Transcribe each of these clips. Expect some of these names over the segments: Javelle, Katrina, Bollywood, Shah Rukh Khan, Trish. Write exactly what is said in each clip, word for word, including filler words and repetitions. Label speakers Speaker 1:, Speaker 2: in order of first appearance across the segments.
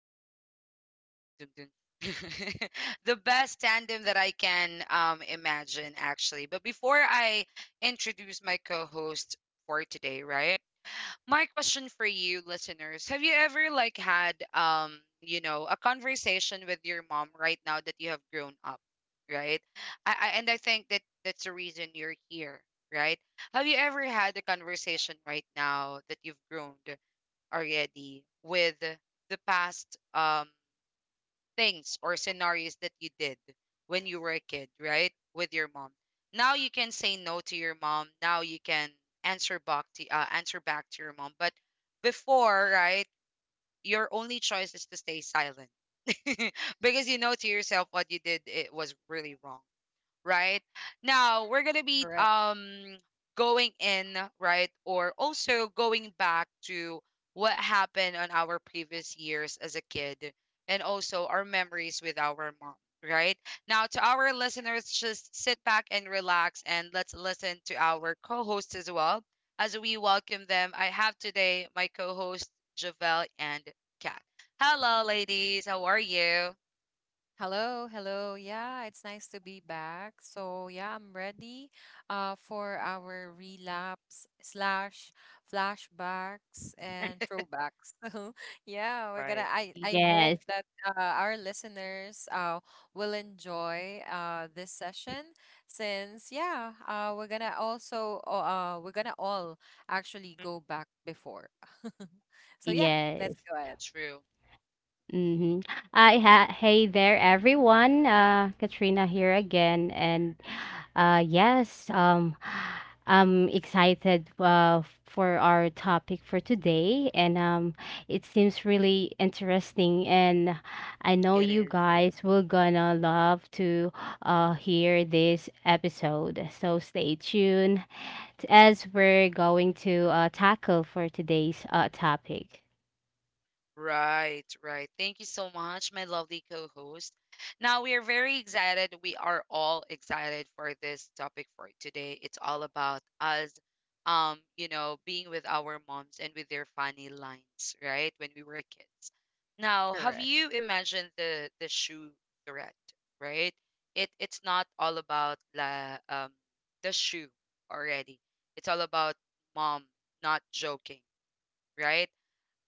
Speaker 1: brought you dun, dun, dun, dun, the best tandem that I can um, imagine, actually. But before I introduce my co-host for today, right? My question for you, listeners: Have you ever like had um, you know, a conversation with your mom right now that you have grown up, right? I, I and I think that that's the reason you're here, right? Have you ever had a conversation right now that you've grown? Already with the past um things or scenarios that you did when you were a kid, right? With your mom. Now you can say no to your mom. Now you can answer back to uh, answer back to your mom. But before, right, your only choice is to stay silent. Because you know to yourself what you did it was really wrong, right? Now we're gonna be
Speaker 2: Correct.
Speaker 1: um going in, right, or also going back to what happened on our previous years as a kid and also our memories with our mom, right? Now to our listeners, just sit back and relax and let's listen to our co-hosts as well. As we welcome them, I have today my co-host Javel and Kat. Hello, ladies. How are you?
Speaker 2: Hello, hello. Yeah, it's nice to be back. So yeah, I'm ready uh for our relapse slash flashbacks and throwbacks. So yeah, we're gonna
Speaker 1: Right.
Speaker 2: I I hope
Speaker 3: Yes,
Speaker 2: that uh, our listeners uh will enjoy uh this session since yeah, uh we're gonna also uh we're gonna all actually
Speaker 1: Mm.
Speaker 2: go back before. So yeah, let's
Speaker 3: yes.
Speaker 2: go ahead.
Speaker 1: True.
Speaker 3: Mm-hmm. I ha Hey there, everyone. Uh, Katrina here again, and uh, yes, um, I'm excited uh, for our topic for today, and um, it seems really interesting, and I know
Speaker 1: It
Speaker 3: you
Speaker 1: is.
Speaker 3: guys will gonna love to uh, hear this episode. So stay tuned as we're going to uh, tackle for today's uh, topic.
Speaker 1: Right, right. Thank you so much, my lovely co host. Now, we are very excited. We are all excited for this topic for today. It's all about us, um, you know, being with our moms and with their funny lines, right, when we were kids. Now, have
Speaker 2: Correct.
Speaker 1: you imagined the the shoe threat, right? It it's not all about la um the shoe already. It's all about mom not joking, right?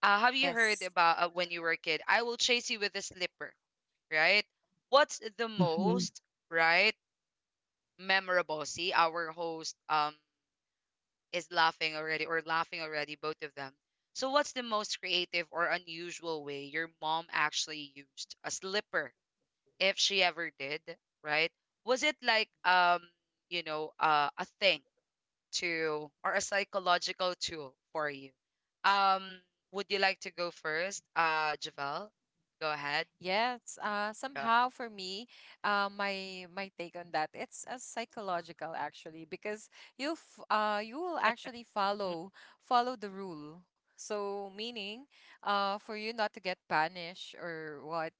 Speaker 1: Uh, have you heard
Speaker 2: Yes.
Speaker 1: about uh, when you were a kid? I will chase you with a slipper, right? What's the
Speaker 3: Mhm.
Speaker 1: most right memorable? See, our host um is laughing already or laughing already, both of them. So, what's the most creative or unusual way your mom actually used a slipper, if she ever did, right? Was it like um you know uh, a thing tool or a psychological tool for you? Um, would you like to go first? Uh, Javel, go ahead.
Speaker 2: Yes, uh,
Speaker 1: Go ahead.
Speaker 2: somehow for me, uh, my my take on that, it's a psychological actually because you f uh you will actually
Speaker 1: Mm.
Speaker 2: follow follow the rule. So meaning, uh, for you not to get punished or what,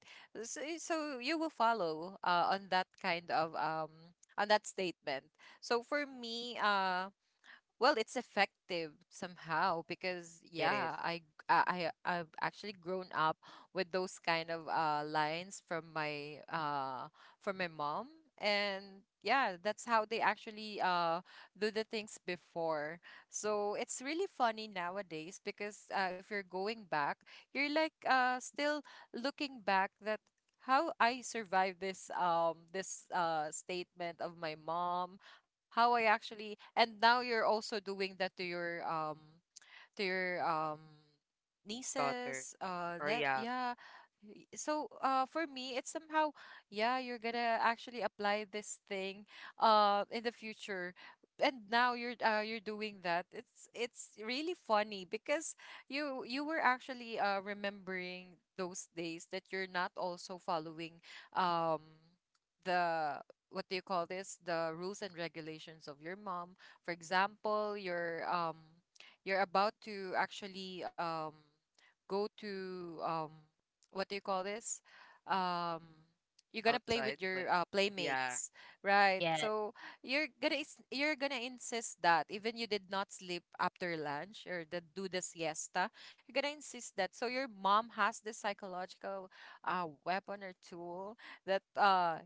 Speaker 2: so, so you will follow uh on that kind of um on that statement. So for me, uh well it's effective somehow because
Speaker 1: It is.
Speaker 2: yeah I g- I I- have actually grown up with those kind of uh lines from my uh from my mom, and yeah that's how they actually uh do the things before. So it's really funny nowadays because uh, if you're going back, you're like uh still looking back that how I survived this um this uh statement of my mom, how I actually, and now you're also doing that to your um to your um
Speaker 1: Daughter,
Speaker 2: nieces uh
Speaker 1: or
Speaker 2: ne-
Speaker 1: yeah,
Speaker 2: yeah. Y- so uh for me it's somehow, yeah, you're gonna actually apply this thing uh in the future, and now you're uh, you're doing that. It's it's really funny because you you were actually uh remembering those days that you're not also following um the what do you call this, the rules and regulations of your mom. For example, your um you're about to actually um go to um what do you call this um you're gonna play with
Speaker 1: outside
Speaker 2: your
Speaker 1: playing.
Speaker 2: uh,
Speaker 1: Yeah,
Speaker 2: playmates, right?
Speaker 3: Yes,
Speaker 2: So you're gonna is- you're gonna insist that even you did not sleep after lunch or the, do the siesta. You're gonna insist that, so your mom has this psychological uh, weapon or tool that uh,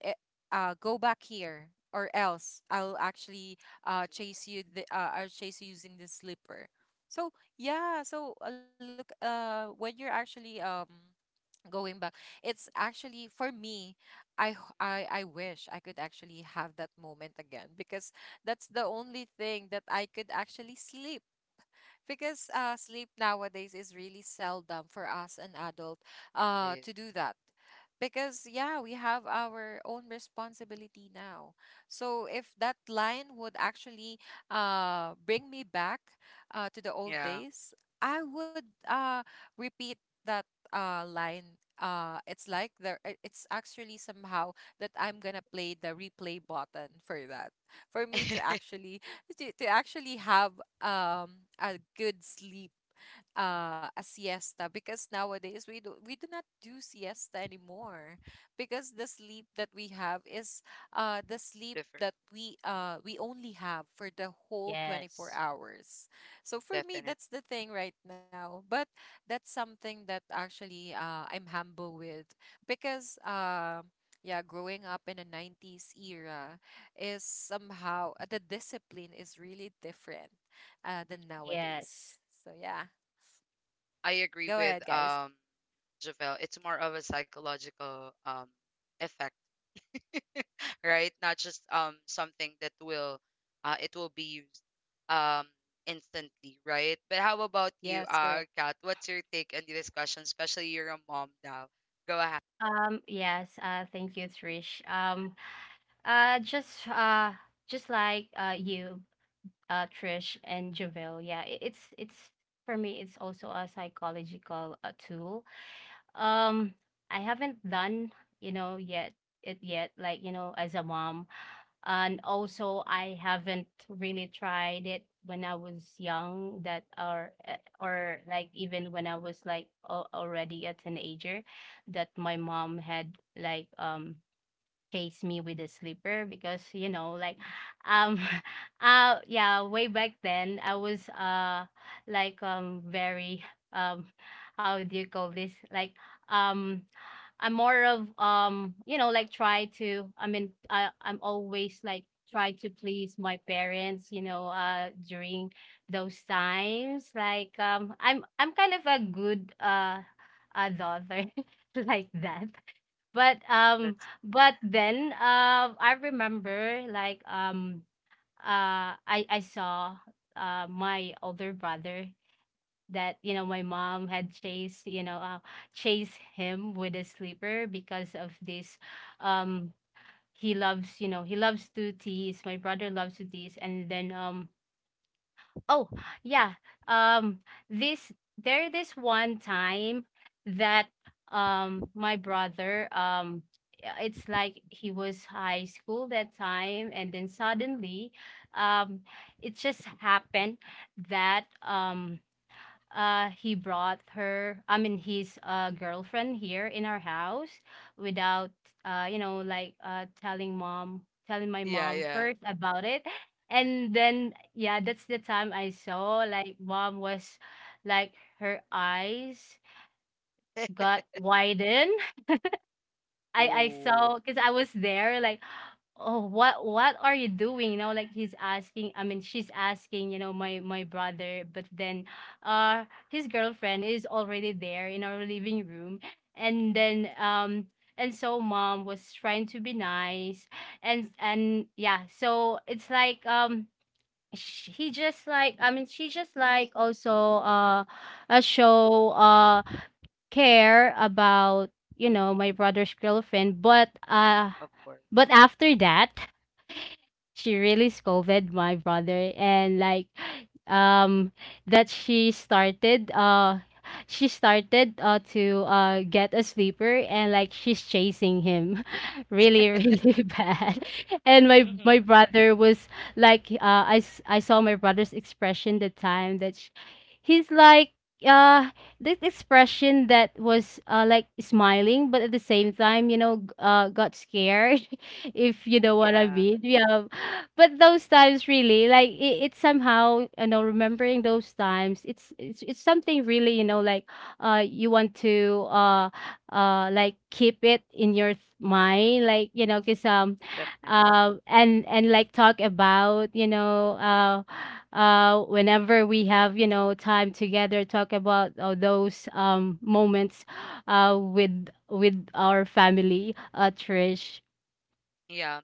Speaker 2: eh, uh go back here or else I'll actually uh chase you the uh, or chase you using the slipper. So yeah, so uh, look, uh when you're actually um going back, it's actually for me, I, h- I I wish I could actually have that moment again because that's the only thing that I could actually sleep, because uh, sleep nowadays is really seldom for us an adult,
Speaker 1: it
Speaker 2: uh,
Speaker 1: is.
Speaker 2: to do that. Because yeah, we have our own responsibility now, so if that line would actually uh bring me back uh to the old
Speaker 1: Yeah.
Speaker 2: days, I would uh repeat that uh line. Uh it's like there i- it's actually somehow that I'm gonna play the replay button for that, for me to actually to, to actually have um a good sleep, uh, a siesta, because nowadays we do we do not do siesta anymore, because the sleep that we have is uh, the sleep
Speaker 1: Different,
Speaker 2: that we uh, we only have for the whole twenty-four
Speaker 3: yes,
Speaker 2: hours. So for me,
Speaker 1: definite.
Speaker 2: that's the thing right now. But that's something that actually uh, I'm humble with because. Uh, yeah, growing up in the nineties era is somehow uh, the discipline is really different, uh, than
Speaker 3: yes.
Speaker 2: nowadays. So yeah.
Speaker 1: I
Speaker 2: Go
Speaker 1: agree
Speaker 2: ahead,
Speaker 1: with
Speaker 2: guys.
Speaker 1: um Javel. It's more of a psychological um effect, right? Not just um something that will uh it will be used um instantly, right? But how about
Speaker 2: Yes,
Speaker 1: you,
Speaker 2: correct.
Speaker 1: uh Kat? What's your take on this question? Especially you're a mom now. Go ahead.
Speaker 3: Um, yes, uh, thank you, Trish. Um, uh, just uh, just like uh, you, uh, Trish and Javelle. Yeah, i- it's it's for me, it's also a psychological uh, tool. Um, I haven't done you know yet it yet, like you know, as a mom. And also, I haven't really tried it when I was young, that or uh, or like even when I was like al- already a teenager, that my mom had like um chased me with a slipper, because you know like um uh yeah, way back then I was uh like um very um how do you call this like um I'm more of um, you know, like try to I mean I I'm always like try to please my parents, you know, uh during those times. Like um I'm I'm kind of a good uh a daughter like that. But um
Speaker 1: That's
Speaker 3: but then uh I remember like um uh I I saw uh my older brother that, you know, my mom had chased, you know, uh, chased him with a sleeper because of this, um he loves, you know, he loves to tease, my brother loves to tease. And then um oh yeah um this, there, this one time that um my brother, um yeah, it's like he was high school that time. And then suddenly, um it just happened that um uh he brought her I mean his uh girlfriend here in our house without uh you know like uh telling mom telling my
Speaker 1: yeah,
Speaker 3: mom
Speaker 1: yeah.
Speaker 3: first about it. And then, yeah, that's the time I saw like mom was like, her eyes got widened. I I
Speaker 1: Oh,
Speaker 3: saw because I was there, like, oh, what what are you doing? You know, like he's asking I mean she's asking, you know, my my brother. But then uh his girlfriend is already there in our living room. And then um and so mom was trying to be nice. and and yeah, so it's like, um sh- he just like I mean she just like also uh a show uh care about, you
Speaker 1: mm,
Speaker 3: know, my brother's girlfriend. But uh
Speaker 1: of course.
Speaker 3: but after that, she really scolded my brother. And like um that she started uh she started uh to uh get a sleeper, and like she's chasing him really really bad. And my
Speaker 1: Mm-mm.
Speaker 3: my brother was like, uh I, s- I saw my brother's expression the time that sh he's like, uh this expression that was uh like smiling, but at the same time, you know, g- uh got scared if you know what I
Speaker 1: Yeah,
Speaker 3: mean. Yeah, but those times really like, it, it's somehow, you know, remembering those times, it's, it's it's something really, you know, like uh you want to uh uh like keep it in your th- mind, like, you know, because um
Speaker 1: definitely.
Speaker 3: uh, and and like talk about, you know, uh uh whenever we have, you know, time together, talk about all those um moments uh with with our family, uh Trish.
Speaker 1: Yeah.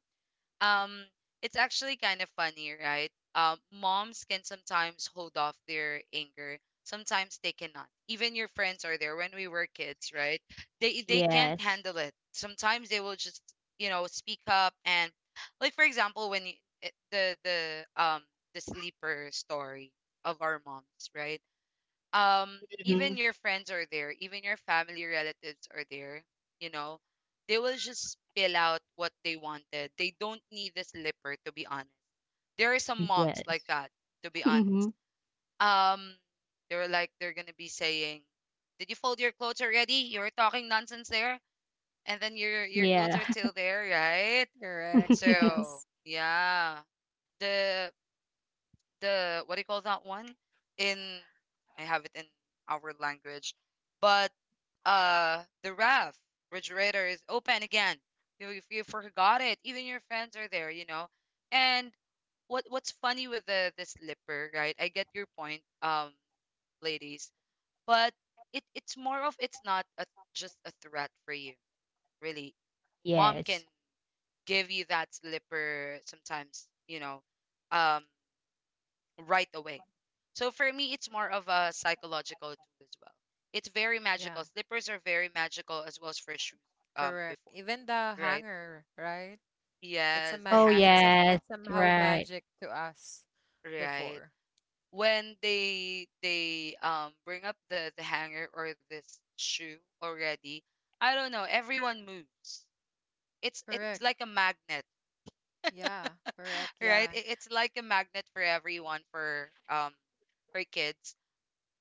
Speaker 1: um it's actually kind of funny, right? Um moms can sometimes hold off their anger. Sometimes they cannot, even your friends are there when we were kids, right? They they can't
Speaker 3: Yes.
Speaker 1: handle it. Sometimes they will just, you know, speak up. And like for example when you, eh, the the um the sleeper story of our moms, right? Um
Speaker 3: Mhm.
Speaker 1: even your friends are there, even your family relatives are there, you know, they will just spill out what they wanted. They don't need the slipper, to be honest. There are some moms
Speaker 3: Yes.
Speaker 1: like that, to be honest.
Speaker 3: Mhm.
Speaker 1: um they're like, they're gonna be saying, did you fold your clothes already? You're talking nonsense there, and then your your clothes
Speaker 3: Yeah.
Speaker 1: are still there, right?
Speaker 2: Correct.
Speaker 1: So
Speaker 2: Yes.
Speaker 1: yeah, the the what do you call that one? In I have it in our language, but uh, the ref refrigerator is open again. You, if you forgot it, even your friends are there, you know. And what what's funny with the the slipper, right? I get your point, um, ladies, but it it's more of, it's not a just a threat for you, really. Mom can
Speaker 3: Yes.
Speaker 1: give you that slipper sometimes, you know. Um, right away. So for me, it's more of a psychological tool as well. It's very
Speaker 2: Yeah,
Speaker 1: magical. Slippers are very magical as well as for shoes um
Speaker 2: correct.
Speaker 1: before,
Speaker 2: Even the
Speaker 1: right?
Speaker 2: hanger, right? It's a
Speaker 1: Yes, the
Speaker 2: mag
Speaker 3: Oh,
Speaker 1: hanger
Speaker 2: it's a
Speaker 1: as
Speaker 3: yes,
Speaker 1: well.
Speaker 2: it's somehow
Speaker 3: right.
Speaker 2: magic to us
Speaker 1: Right.
Speaker 2: before.
Speaker 1: When they they um bring up the the hanger or this shoe already, I don't know, everyone moves. It's it's
Speaker 2: Correct.
Speaker 1: like a magnet.
Speaker 2: Yeah. Correct.
Speaker 1: Right?
Speaker 2: Yeah.
Speaker 1: It, it's like a magnet for everyone, for um for kids,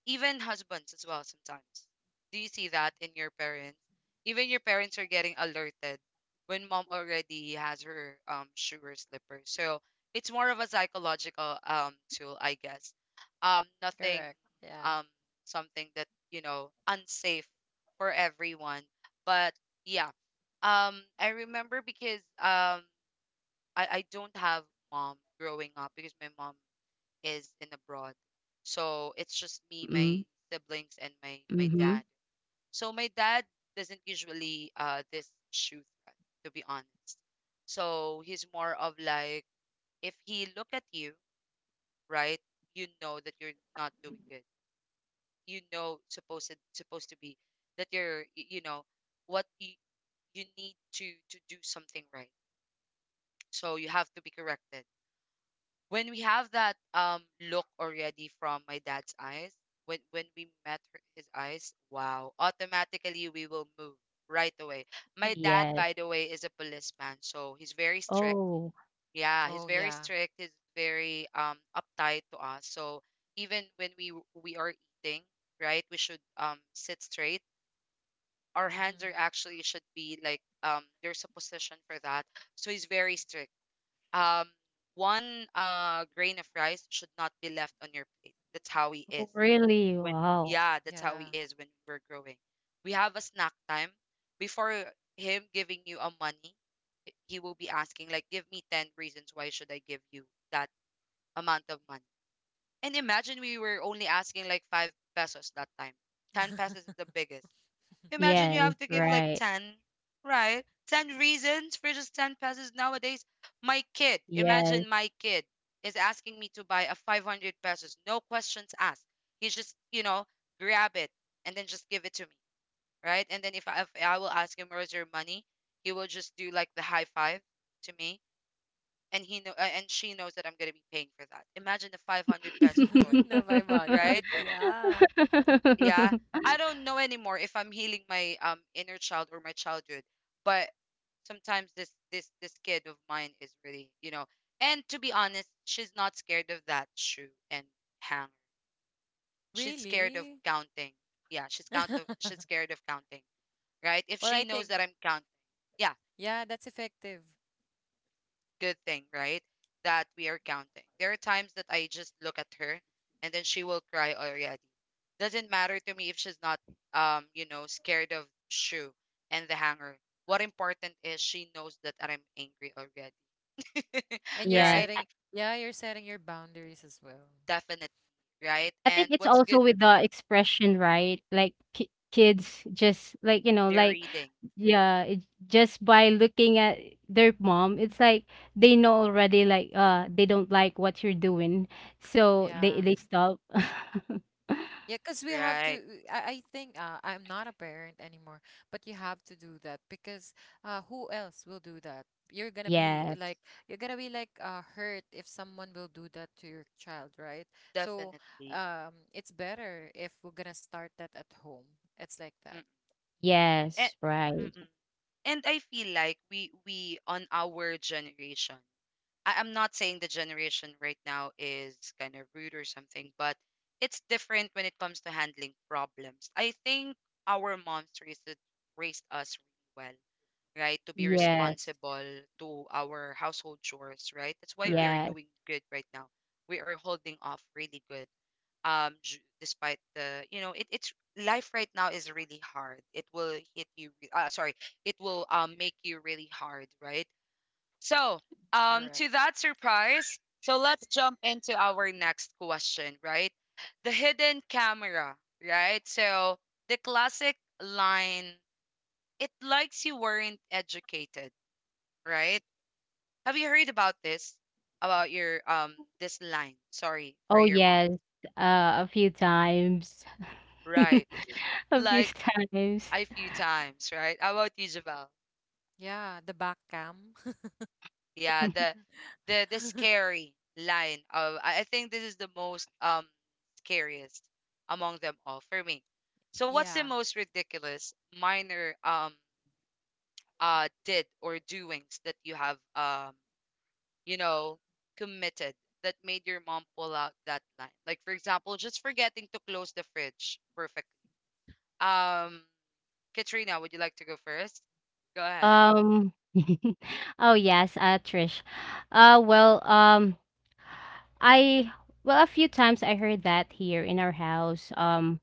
Speaker 1: even husbands as well sometimes. Do you see that in your parents? Even your parents are getting alerted when mom already has her um shoe or slipper. So it's more of a psychological um tool, I guess. Um, nothing
Speaker 2: Correct. Yeah.
Speaker 1: um something that you know unsafe for everyone, but yeah. Um, I remember because um I I don't have mom growing up because my mom is in abroad. So it's just me,
Speaker 3: Mm,
Speaker 1: my siblings, and my my
Speaker 3: mhm.
Speaker 1: dad. So my dad doesn't usually uh this issue threat, to be honest. So he's more of like, if he look at you, right, you know that you're not doing good. You know, supposed supposed to be that you're y- you know what you you need to to do something right. So you have to be corrected when we have that um look already from my dad's eyes. when when we met her, his eyes, wow, automatically we will move right away. My dad, by
Speaker 3: Yes.
Speaker 1: the way, is a policeman, so he's very strict.
Speaker 3: Oh,
Speaker 1: Yeah, he's
Speaker 2: Oh
Speaker 1: very
Speaker 2: yeah.
Speaker 1: strict, he's very um uptight to us. So even when we w- we are eating, right, we should um sit straight, our hands are
Speaker 2: Mm-hmm.
Speaker 1: actually should be like, um there's a position for that. So he's very strict. um, one uh, grain of rice should not be left on your plate. That's how he is.
Speaker 3: oh, really?
Speaker 1: When
Speaker 3: Wow.
Speaker 1: yeah, that's how he
Speaker 2: Yeah.
Speaker 1: is when we were growing. We have a snack time before him giving you a money. h- He will be asking like, give me ten reasons why should I give you that amount of money. And imagine we were only asking like five pesos that time. Ten pesos is the biggest. Imagine you
Speaker 3: Yes,
Speaker 1: have to give like
Speaker 3: right.
Speaker 1: ten, right? ten reasons for just ten pesos nowadays. My kid,
Speaker 3: Yes.
Speaker 1: imagine my kid is asking me to buy a five hundred pesos, no questions asked. He just, you know, grab it and then just give it to me, right? And then if I, if I will ask him, where's your money? He will just do like the high five to me. And he know, uh, and she knows that I'm gonna be paying for that. Imagine a five hundred pesos toy,
Speaker 2: No
Speaker 1: right?
Speaker 2: five hundred. Yeah.
Speaker 1: Yeah. I don't know anymore if I'm healing my um inner child or my childhood. But sometimes this this this kid of mine is really, you know, and to be honest, she's not scared of that shoe and hanger. She's scared of
Speaker 2: Really?
Speaker 1: counting. Yeah, she's count of, she's scared of counting, right? If
Speaker 2: Well,
Speaker 1: she
Speaker 2: I
Speaker 1: knows
Speaker 2: think
Speaker 1: that I'm counting. Yeah,
Speaker 2: yeah, that's effective.
Speaker 1: good thing, right? That we are counting. There are times that I just look at her and then she will cry already. Doesn't matter to me if she's not um, you know, scared of shoe and the hanger. What important is she knows that I'm angry already.
Speaker 2: And you're
Speaker 3: Yes.
Speaker 1: Right?
Speaker 2: setting, yeah, you're setting your boundaries as well.
Speaker 1: Definitely, right?
Speaker 3: I think
Speaker 1: And
Speaker 3: it's
Speaker 1: what's
Speaker 3: also
Speaker 1: good?
Speaker 3: with the expression, right? Like ki kids just like, you know,
Speaker 1: They're
Speaker 3: like,
Speaker 1: reading.
Speaker 3: yeah, it, just by looking at their mom, it's like they know already like uh they don't like what you're doing. So
Speaker 1: Mm.
Speaker 3: they
Speaker 2: Yeah.
Speaker 3: they stop.
Speaker 2: Yeah, because we have to.
Speaker 1: Right.
Speaker 2: uh, I, I think uh, I'm not a parent anymore, but you have to do that because uh, who else will do that? You're gonna be uh, like
Speaker 3: Yes,
Speaker 2: you're gonna be like uh, hurt if someone will do that to your child, right? So
Speaker 1: Definitely.
Speaker 2: um, it's better if we're gonna start that at home. It's like that.
Speaker 1: Mm. And,
Speaker 3: yes, right.
Speaker 1: mm-mm, and I feel like we we on our generation, I, I'm not saying the generation right now is kind of rude or something, but it's different when it comes to handling problems. I think our moms raised, it- raised us really well, right? To be
Speaker 3: Yes,
Speaker 1: responsible to our household chores, right? That's why we
Speaker 2: Correct.
Speaker 1: are
Speaker 3: yes.
Speaker 1: doing good right now. We are holding off really good. Um, j- despite the, you know, it, it's life right now is really hard. It will hit you. re- Uh, sorry, it will um make you really hard, right? So, um,
Speaker 2: Correct.
Speaker 1: to that surprise, so let's jump into our next question, right? The hidden camera, right? So, the classic line, it likes you weren't educated, right? Have you heard about this? About your, um, this line, sorry, for
Speaker 3: Oh,
Speaker 1: your mom,
Speaker 3: yes. Uh, a few times.
Speaker 1: right?
Speaker 3: A few
Speaker 1: Like,
Speaker 3: times.
Speaker 1: a few times, right? How about you, Javel?
Speaker 2: Yeah, the back cam.
Speaker 1: Yeah, the the the scary line of i I think this is the most um scariest among them all for me. So what's the
Speaker 2: Yeah,
Speaker 1: most ridiculous minor um uh did or doings that you have um you know committed that made your mom pull out that line? Like for example, just forgetting to close the fridge perfectly. um Katrina, would you like to go first? Go ahead.
Speaker 3: Um, oh, yes, uh, Trish. Uh, well, um, I, well, a few times I heard that here in our house. Um,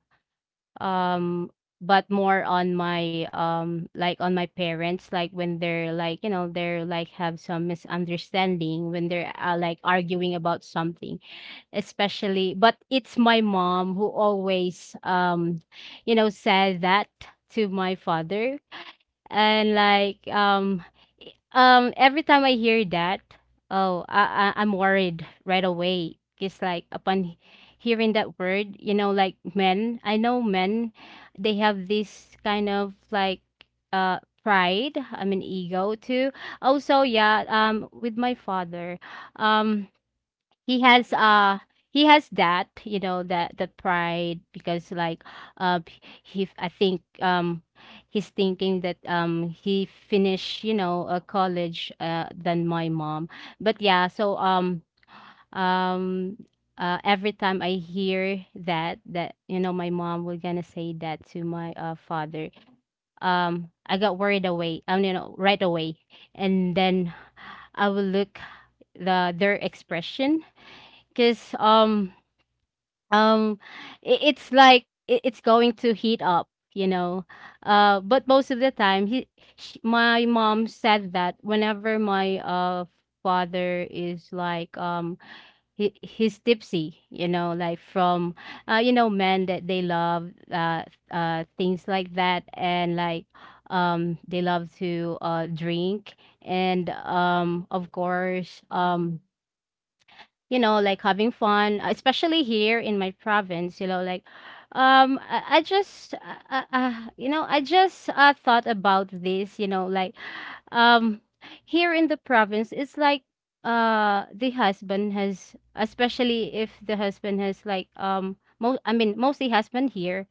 Speaker 3: um but more on my um like on my parents, like when they're like, you know, they're like have some misunderstanding when they're uh, like arguing about something. Especially but it's my mom who always um you know said that to my father. And like um um, every time I hear that, oh, I, I I'm worried right away. Cause like upon he- hearing that word, you know, like men, I know men, they have this kind of like uh pride. I mean ego too. Also, yeah. Um, with my father, um, he has
Speaker 1: Mm,
Speaker 3: uh he has that, you know, that the pride, because like uh he i think um he's thinking that um he finished, you know, a college uh than my mom. But yeah, so um um uh, every time I hear that, that, you know, my mom was gonna say that to my uh, father. Um, I got worried away. Um, you know, right away. And then I will look the their expression, because um um i- it's like i- it's going to heat up, you know. Uh but most of the time he sh my mom said that whenever my uh father is like, um he, he's tipsy, you know, like from uh you know men that they love uh uh things like that. And like um they love to uh drink. And um of course, um you know, like having fun, especially here in my province, you know, like um I, I just uh, uh, uh, you know, I just uh, thought about this, you know, like, um here in the province it's like uh the husband has, especially if the husband has like, um most I mean mostly husband here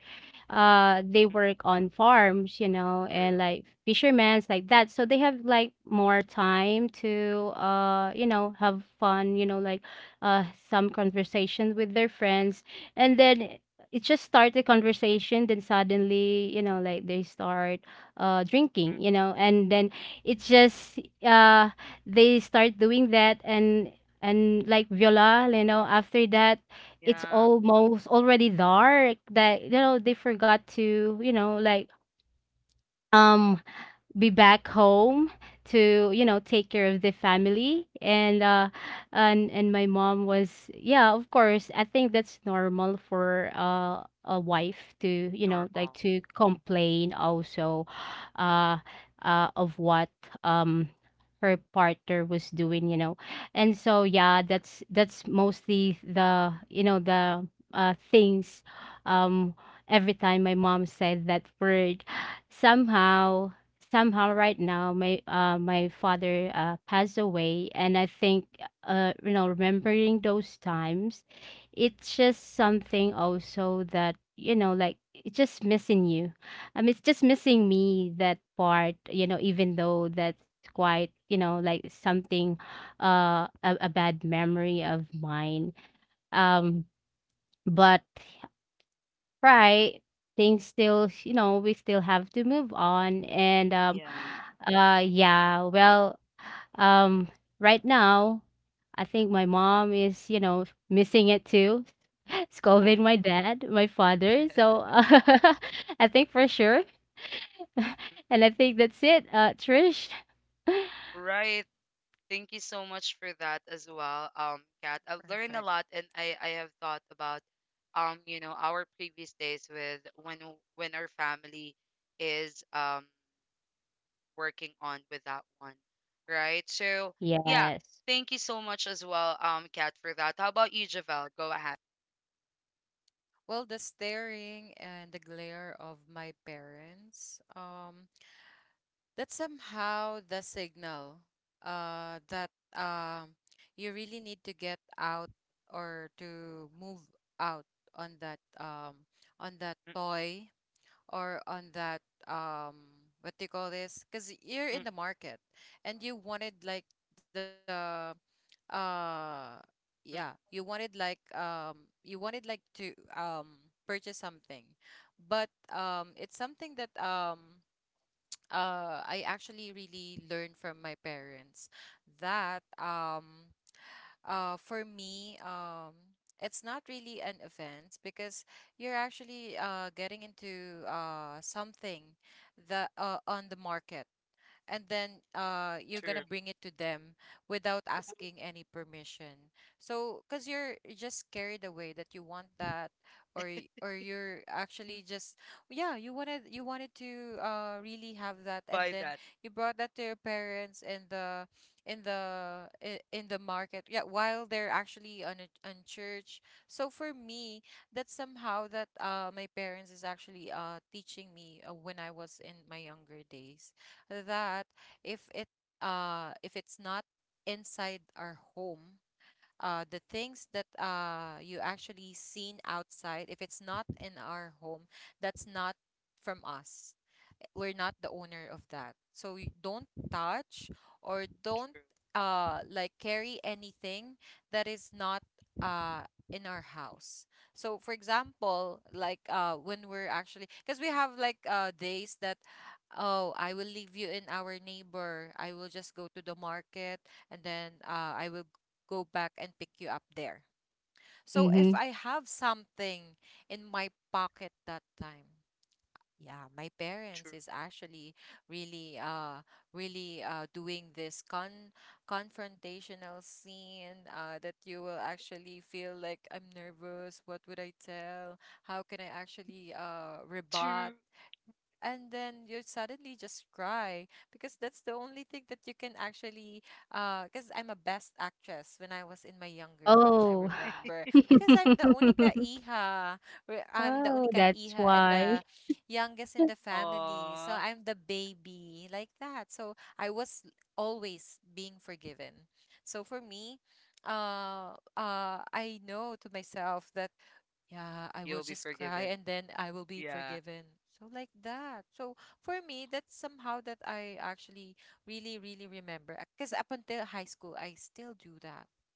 Speaker 3: uh they
Speaker 1: mm, mm,
Speaker 3: work on farms, you know,
Speaker 1: true.
Speaker 3: and like fishermen's like that. So they have like more time to uh you know have fun, you know, like uh some conversations with their friends. And then it just starts a conversation, then suddenly, you know, like they start uh drinking,
Speaker 1: Mm,
Speaker 3: you know. And then it's just uh they start doing that. and and like Viola, you know, after that, it's
Speaker 1: yeah,
Speaker 3: almost already dark, that, you know, they forgot to, you know, like um be back home to, you know, take care of the family. And uh and and my mom was, yeah, of course, I think that's normal for uh a wife to, you know, like,
Speaker 1: normal,
Speaker 3: to complain also uh uh of what um her partner was doing, you know. And so yeah, that's that's mostly the, you know, the uh things. um every time my mom said that word, somehow somehow, right now my uh my father uh passed away. And I think uh you know, remembering those times, it's just something also that, you know, like, it's just missing you I mean it's just missing me that part, you know. Even though that's quite, you know, like something, uh a, a bad memory of mine, um but, right, things still, you know, we still have to move on. And um
Speaker 1: yeah.
Speaker 3: uh yeah, well, um right now I think my mom is, you know, missing it too.
Speaker 1: Oh.
Speaker 3: Scolding my dad, my father. So uh, I think for sure. And I think that's it, uh Trish.
Speaker 1: Right. Thank you so much for that as well, um, Kat.
Speaker 2: perfect.
Speaker 1: I've learned a lot, and I I have thought about, um, you know, our previous days with when w- when our family is um working on with that one, right? So yeah,
Speaker 3: Yes.
Speaker 1: thank you so much as well, um, Kat, for that. How about you, Javel? Go ahead.
Speaker 2: Well, the staring and the glare of my parents. Um, that's somehow the signal, uh, that um, you really need to get out or to move out on that um, on that
Speaker 1: Mm,
Speaker 2: toy or on that um, what do you call this? Because you're in
Speaker 1: mm,
Speaker 2: the market and you wanted like the uh
Speaker 1: mm.
Speaker 2: yeah, you wanted like um you wanted like to um purchase something, but um it's something that um uh, I actually really learned from my parents, that um, uh, for me, um, it's not really an offense because you're actually uh, getting into uh, something, that uh, on the market, and then uh you're gonna
Speaker 1: True.
Speaker 2: bring it to them without asking any permission. So because you're just carried away that you want that, or y- or you're
Speaker 1: Mm.
Speaker 2: actually just, yeah, you wanted you wanted to uh really have that, and
Speaker 1: By
Speaker 2: then
Speaker 1: that,
Speaker 2: you brought that to your parents in the in the i- in the market, yeah, while they're actually on a, on church. So for me, that's somehow that uh my parents is actually uh teaching me, uh, when I was in my younger days, that if it uh if it's not inside our home, uh the things that uh you actually seen outside, if it's not in our home, that's not from us. We're not the owner of that. So y- don't touch or don't
Speaker 1: true,
Speaker 2: uh like carry anything that is not uh in our house. So for example, like uh when we're actually, because we have like uh days that, oh, I will leave you in our neighbor. I will just go to the market and then uh I will go back and pick you up there. So if
Speaker 3: Mm-hmm.
Speaker 2: I have something in my pocket that time, yeah, my parents
Speaker 1: true,
Speaker 2: is actually really uh really uh doing this con confrontational scene, uh that you will actually feel like, I'm nervous. What would I tell? How can I actually uh rebut?
Speaker 1: true.
Speaker 2: And then you suddenly just cry because that's the only thing that you can actually uh because I'm a best actress. When I was in my younger days, I
Speaker 3: Oh.
Speaker 2: remember, because I'm the única hija, re- I'm the
Speaker 3: Oh,
Speaker 2: única
Speaker 3: that's
Speaker 2: hija and
Speaker 3: why.
Speaker 2: the youngest in the family, so
Speaker 1: Aw,
Speaker 2: I'm the baby like that. So I was always being forgiven. So for me, uh uh I know to myself that, yeah, I will
Speaker 1: you'll be
Speaker 2: just cry
Speaker 1: forgiven.
Speaker 2: and then I will be
Speaker 1: Yeah,
Speaker 2: forgiven. So like that. So for me, that's somehow that I actually really, really remember. Because up until high school, I still do that,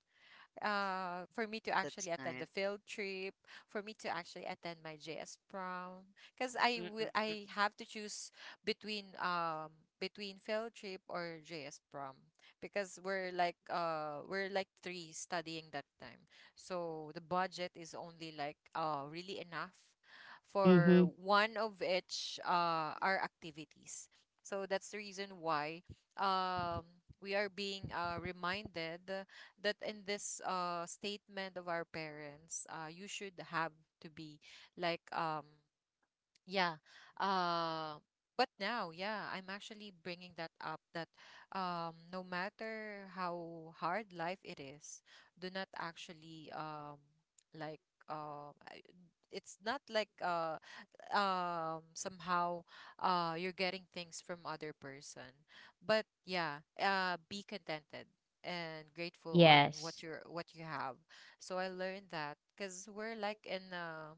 Speaker 2: uh, for me to actually
Speaker 1: that's
Speaker 2: attend the
Speaker 1: nice.
Speaker 2: field trip, for me to actually attend my J S prom, because I will
Speaker 1: Mm-mm-mm.
Speaker 2: I have to choose between um between field trip or J S prom, because we're like uh we're like three studying that time, so the budget is only like uh really enough
Speaker 3: Mm-hmm.
Speaker 2: for one of each uh our activities. So that's the reason why um we are being uh reminded that in this uh statement of our parents, uh you should have to be like um yeah, uh but now, yeah, I'm actually bringing that up, that um no matter how hard life it is, do not actually um like uh I- it's not like uh um somehow uh you're getting things from other person, but yeah, uh be contented and grateful on
Speaker 3: Yes.
Speaker 2: what you're what you have. So I learned that because we're like in a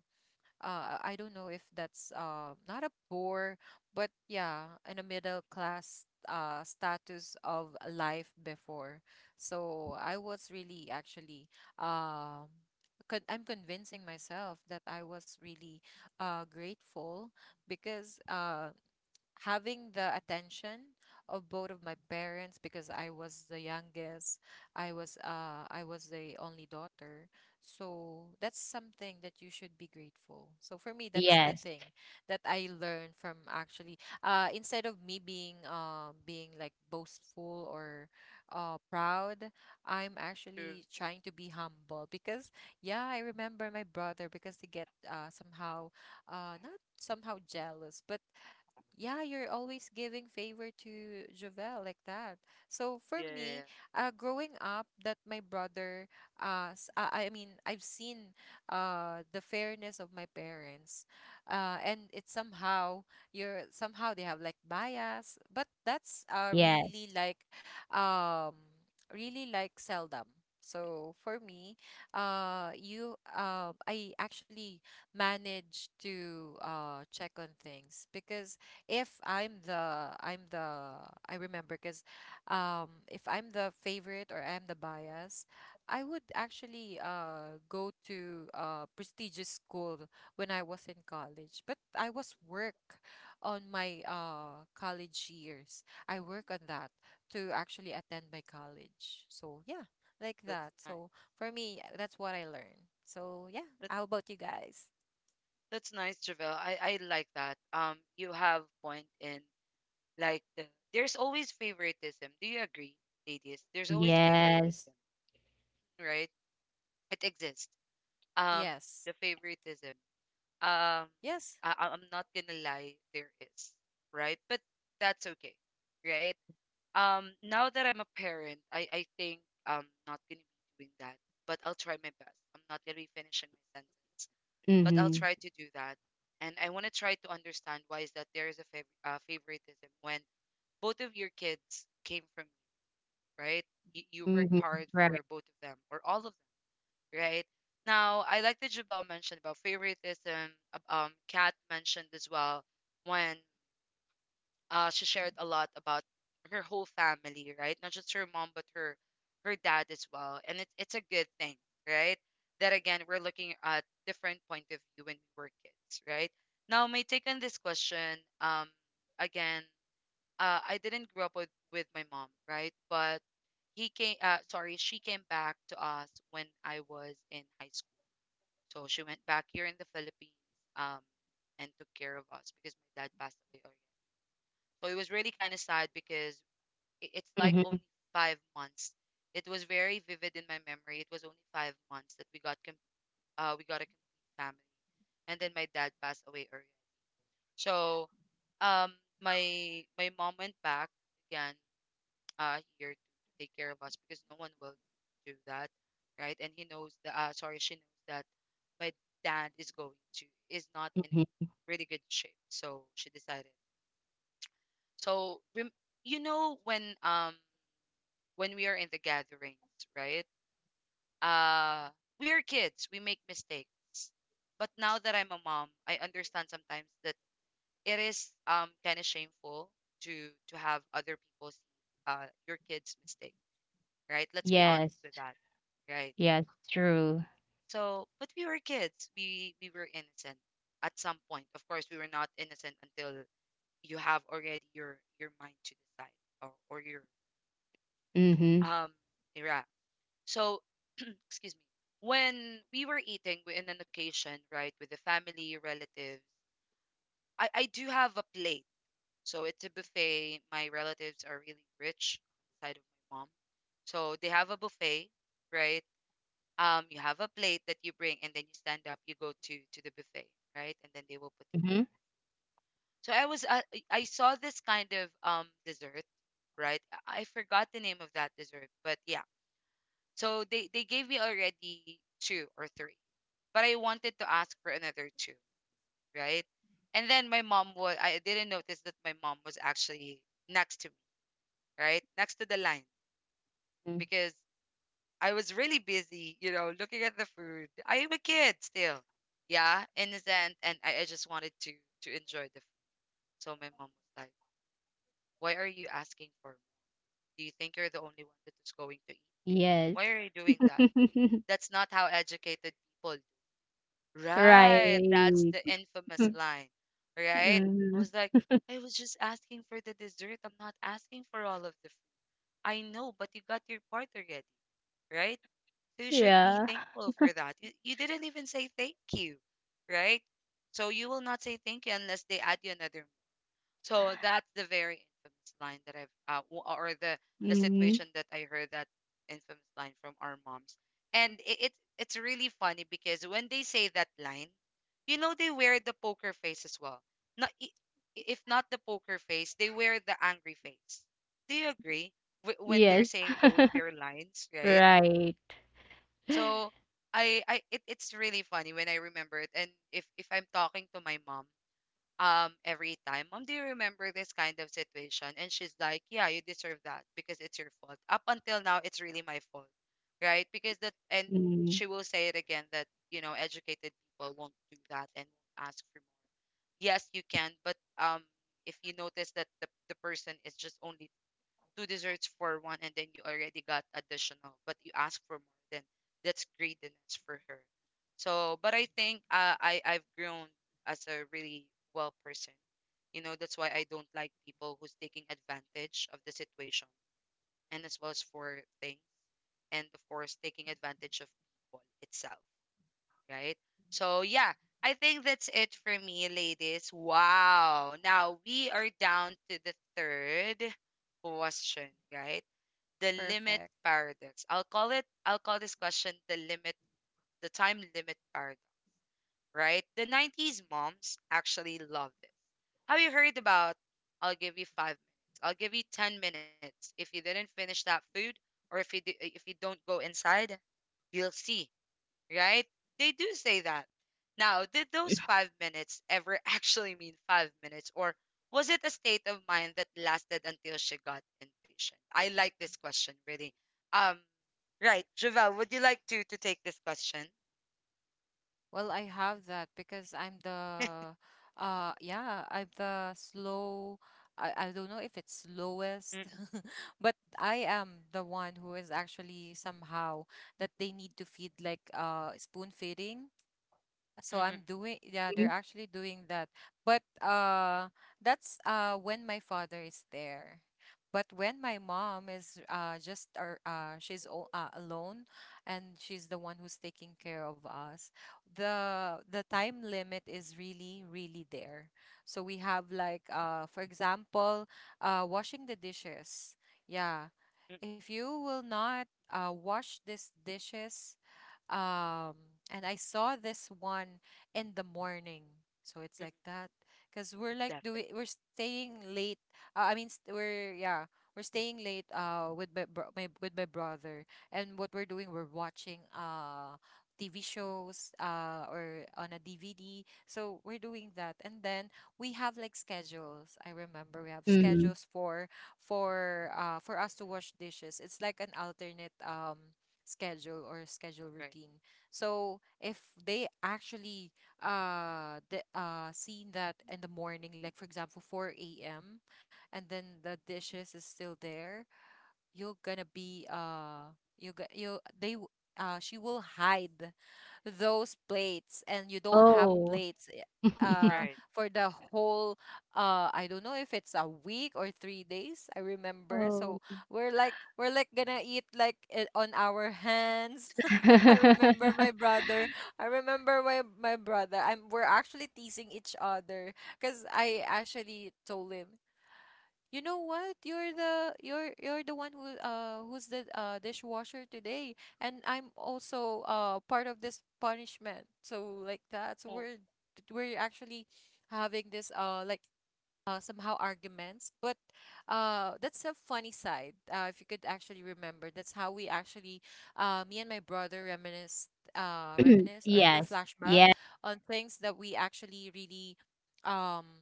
Speaker 2: uh, I don't know if that's uh, not a poor, but yeah, in a middle class, uh, status of life before. So I was really actually um, con- I'm convincing myself that I was really uh, grateful, because uh, having the attention of both of my parents, because I was the youngest. I was uh I was the only daughter. So that's something that you should be grateful. So for me, that's the
Speaker 3: Yes.
Speaker 2: thing that I learned from, actually, uh instead of me being uh being like boastful or uh proud, I'm
Speaker 1: True.
Speaker 2: actually trying to be humble, because yeah, I remember my brother because they get uh somehow uh not somehow jealous, but yeah, you're always giving favor to Jovel like that. So for
Speaker 1: Yeah, yeah, yeah.
Speaker 2: me, uh, growing up, that my brother, uh, s- uh, I mean, I've seen uh the fairness of my parents, uh, and it's somehow, you're somehow they have like bias, but that's uh really
Speaker 3: Yes.
Speaker 2: like um really like seldom. So for me, uh, you, uh, I actually manage to uh check on things because if I'm the I'm the I remember because um if I'm the favorite or I'm the bias, I would actually uh go to uh prestigious school when I was in college. But I was work on my uh college years. I work on that to actually attend my college. So yeah, like
Speaker 1: That's
Speaker 2: that.
Speaker 1: nice.
Speaker 2: So for me, that's what I learned. So yeah,
Speaker 1: That's
Speaker 2: how about you guys?
Speaker 1: that's nice, Javel. I I like that. Um, you have point in like the there's always favoritism. Do you agree, ladies? There's always
Speaker 3: Yes.
Speaker 1: favoritism, right? It exists. Um,
Speaker 2: Yes.
Speaker 1: the favoritism. Um,
Speaker 2: Yes.
Speaker 1: I I- I'm not gonna lie, there is, right? But that's okay, right? Um, now that I'm a parent, I I think I'm not gonna be doing that, but I'll try my best. I'm not gonna be finishing my sentence but I'll
Speaker 3: Mhm.
Speaker 1: try to do that. And I want to try to understand why is that there is a fav- uh, favoritism when both of your kids came from you, right? You, you work
Speaker 3: Mhm.
Speaker 1: hard
Speaker 3: Right.
Speaker 1: for both of them or all of them, right? Now, I like that Jabal mentioned about favoritism. ab- Um, Kat mentioned as well when uh, she shared a lot about her whole family, right? Not just her mom, but her her dad as well. And it's it's a good thing, right? That again, we're looking at different point of view when we were kids, right? Now, my take on this question, um, again, uh, I didn't grow up with with my mom, right? But he came, uh, sorry, she came back to us when I was in high school. So she went back here in the Philippines, um, and took care of us because my dad passed away so it was really kind of sad because i- it's like
Speaker 3: Mhm,
Speaker 1: only five months. It was very vivid in my memory. It was only five months that we got com- uh, we got a complete family, and then my dad passed away early. So, um, my my mom went back again uh here to take care of us because no one will do that, right? And he knows that. Uh, sorry, she knows that my dad is going to is not in a
Speaker 3: mhm.
Speaker 1: really good shape. So she decided. So rem- you know when um when we are in the gatherings, right? Uh, we are kids, we make mistakes. But now that I'm a mom, I understand sometimes that it is um kind of shameful to to have other people see uh your kids' mistake, right? Let's be honest
Speaker 3: Yes.
Speaker 1: with that, right?
Speaker 3: Yes, true.
Speaker 1: So, but we were kids. We we were innocent at some point. Of course, we were not innocent until you have already your your mind to decide or, or your
Speaker 3: Mhm.
Speaker 1: um yeah so, excuse me. When we were eating wi- in an occasion, right, with the family, relatives, I, I do have a plate. So it's a buffet. My relatives are really rich on the side of my mom. So they have a buffet, right? Um, you have a plate that you bring and then you stand up, you go to to the buffet, right? And then they will put
Speaker 3: Mhm.
Speaker 1: your So I was uh, I I saw this kind of um dessert, right? I I forgot the name of that dessert, but yeah. So they they gave me already two or three. But I wanted to ask for another two, right? And then my mom was, I didn't notice that my mom was actually next to me, right? Next to the line
Speaker 3: Mm.
Speaker 1: because I was really busy, you know, looking at the food. I am a kid still. Yeah, innocent. And I, I just wanted to to enjoy the food. So my mom was like, why are you asking for more? Do you think you're the only one that is going to eat?
Speaker 3: Yes.
Speaker 1: Why are you doing that? That's not how educated people
Speaker 3: Right.
Speaker 1: right. That's the infamous
Speaker 3: Mm.
Speaker 1: line, right? I
Speaker 3: Mhm.
Speaker 1: was like, I was just asking for the dessert. I'm not asking for all of the food. I know, but you got your part already, right? So you should be
Speaker 3: Yeah.
Speaker 1: thankful for that. You, you didn't even say thank you, right? So you will not say thank you unless they add you another so that's the very infamous line that I've uh, w- or the the
Speaker 3: Mhm.
Speaker 1: situation that I heard that infamous line from our moms. And it, it's it's really funny because when they say that line, you know they wear the poker face as well. Not I- If not the poker face, they wear the angry face. Do you agree Wh- when they're
Speaker 3: Yes.
Speaker 1: saying those their lines, right?
Speaker 3: Right.
Speaker 1: So I I it, it's really funny when I remember it. And if if I'm talking to my mom um every time, mom, do you remember this kind of situation? And she's like, yeah, you deserve that because it's your fault. Up until now, it's really my fault. Right? Because that and
Speaker 3: Mhm.
Speaker 1: she will say it again that, you know, educated people won't do that and won't ask for more. Yes, you can, but um if you notice that the, the person is just only two desserts for one and then you already got additional but you ask for more then that's greediness for her. So but I think uh, i i've grown as a really well person, you know that's why I don't like people who's taking advantage of the situation and as well as for things and of course taking advantage of people itself, right? So yeah, I think that's it for me, ladies. Wow, now we are down to the third question, right? The limit
Speaker 2: Perfect.
Speaker 1: paradox. I'll call it I'll call this question the limit the time limit paradox, right? The nineties moms actually love this. Have you heard about I'll give you five minutes. I'll give you ten minutes. If you didn't finish that food or if you do, if you don't go inside, you'll see right? They do say that. Now, did those five minutes ever actually mean five minutes, or was it a state of mind that lasted until she got impatient? I like this question really. Um, right, Javelle, would you like to to take this question?
Speaker 2: Well, I have that because I'm the uh yeah, I'm the slow. I, I don't know if it's slowest.
Speaker 1: Mm-mm,
Speaker 2: But I am the one who is actually somehow that they need to feed, like, uh spoon feeding. So I'm
Speaker 1: mm-mm,
Speaker 2: doing, yeah,
Speaker 3: Mhm.
Speaker 2: they're actually doing that. But uh that's, uh when my father is there. But when my mom is uh just, or uh she's o- uh, alone, and she's the one who's taking care of us, the the time limit is really really there. So we have like, uh for example, uh washing the dishes, yeah.
Speaker 1: mm-mm,
Speaker 2: If you will not uh wash these dishes, um, and I saw this one in the morning. So it's
Speaker 1: mm-mm.
Speaker 2: like that, because we're, like,
Speaker 1: Definitely,
Speaker 2: doing we're staying late. Uh, I mean, st- we're yeah, we're staying late. Uh, with my, bro- my with my brother, and what we're doing, we're watching uh T V shows, uh or on a D V D. So we're doing that, and then we have, like, schedules. I remember we have
Speaker 3: Mhm.
Speaker 2: schedules for for uh for us to wash dishes. It's like an alternate, um schedule or schedule
Speaker 1: right,
Speaker 2: routine. So if they actually uh the uh seen that in the morning, like for example four a m, and then the dishes is still there, you're gonna be, uh you go- you they w- uh she will hide those plates, and you don't have
Speaker 3: Oh.
Speaker 2: plates, i- uh
Speaker 1: right.
Speaker 2: for the whole, uh I don't know if it's a week or three days, I remember,
Speaker 3: Oh.
Speaker 2: so we're like we're like gonna eat like it on our hands. I remember my brother I remember my my brother I'm we're actually teasing each other, because I actually told him, you know what? You're the you're you're the one who, uh who's the, uh dishwasher today, and I'm also, uh part of this punishment. So like that, so
Speaker 1: Oh,
Speaker 2: we're we're actually having this, uh like, uh somehow arguments. But uh that's a funny side. Uh, if you could actually remember, that's how we actually, uh me and my brother, reminisce uh reminisce or do
Speaker 3: Yes.
Speaker 2: flashback
Speaker 3: Yeah.
Speaker 2: on things that we actually really, um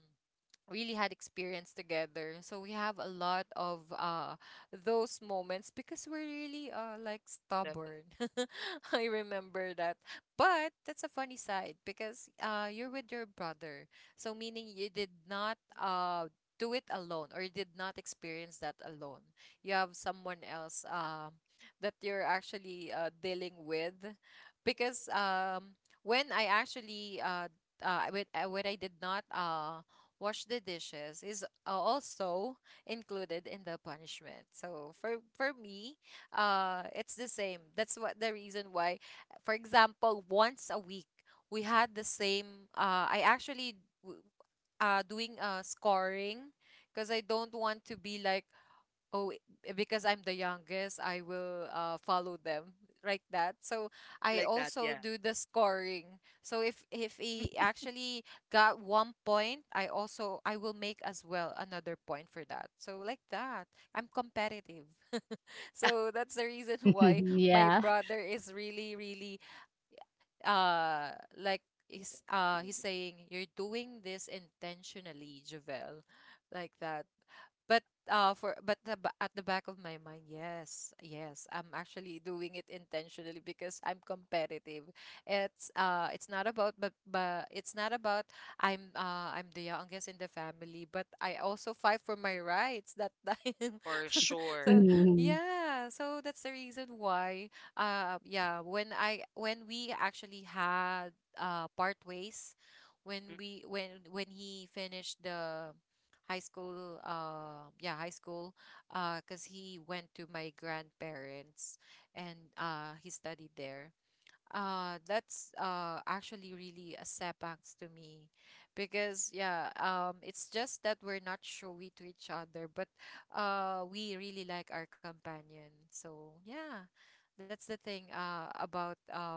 Speaker 2: really had experience together. So we have a lot of uh those moments, because we're really, uh like,
Speaker 1: definitely
Speaker 2: stubborn. I remember that. But that's a funny side, because uh you're with your brother. So meaning you did not uh do it alone, or you did not experience that alone. You have someone else, um that you're actually, uh dealing with, because, um when I actually uh uh, when, uh, when I did not uh wash the dishes, is also included in the punishment. So for for me, uh, it's the same. That's what the reason why, for example, once a week we had the same. Uh, I actually, w- uh doing, uh scoring, because I don't want to be like, oh i- eh, because I'm the youngest, I will, uh, follow them, like that. So I
Speaker 1: like that,
Speaker 2: also
Speaker 1: yeah,
Speaker 2: do the scoring, so if if he actually got one point, I also, I will make as well another point for that, so like that. I'm competitive. So that's the reason why my
Speaker 3: Yeah.
Speaker 2: brother is really really, uh like, he's uh he's saying, you're doing this intentionally, Javel, like that. But uh for but the, ba- at the back of my mind, yes, yes, I'm actually doing it intentionally because I'm competitive. It's uh it's not about, but but it's not about, I'm uh I'm the youngest in the family, but I also fight for my rights that time.
Speaker 1: for
Speaker 2: So
Speaker 1: sure.
Speaker 3: Mhm.
Speaker 2: yeah, so that's the reason why. uh yeah when I when we actually had, uh part ways, when
Speaker 1: Mm-mm,
Speaker 2: we when when he finished the, high school uh yeah high school, uh because he went to my grandparents, and uh he studied there. Uh, that's, uh actually really a setbacks to me, because yeah, um it's just that we're not showy to each other, but uh we really like our companion. So yeah, that's the thing, uh about, um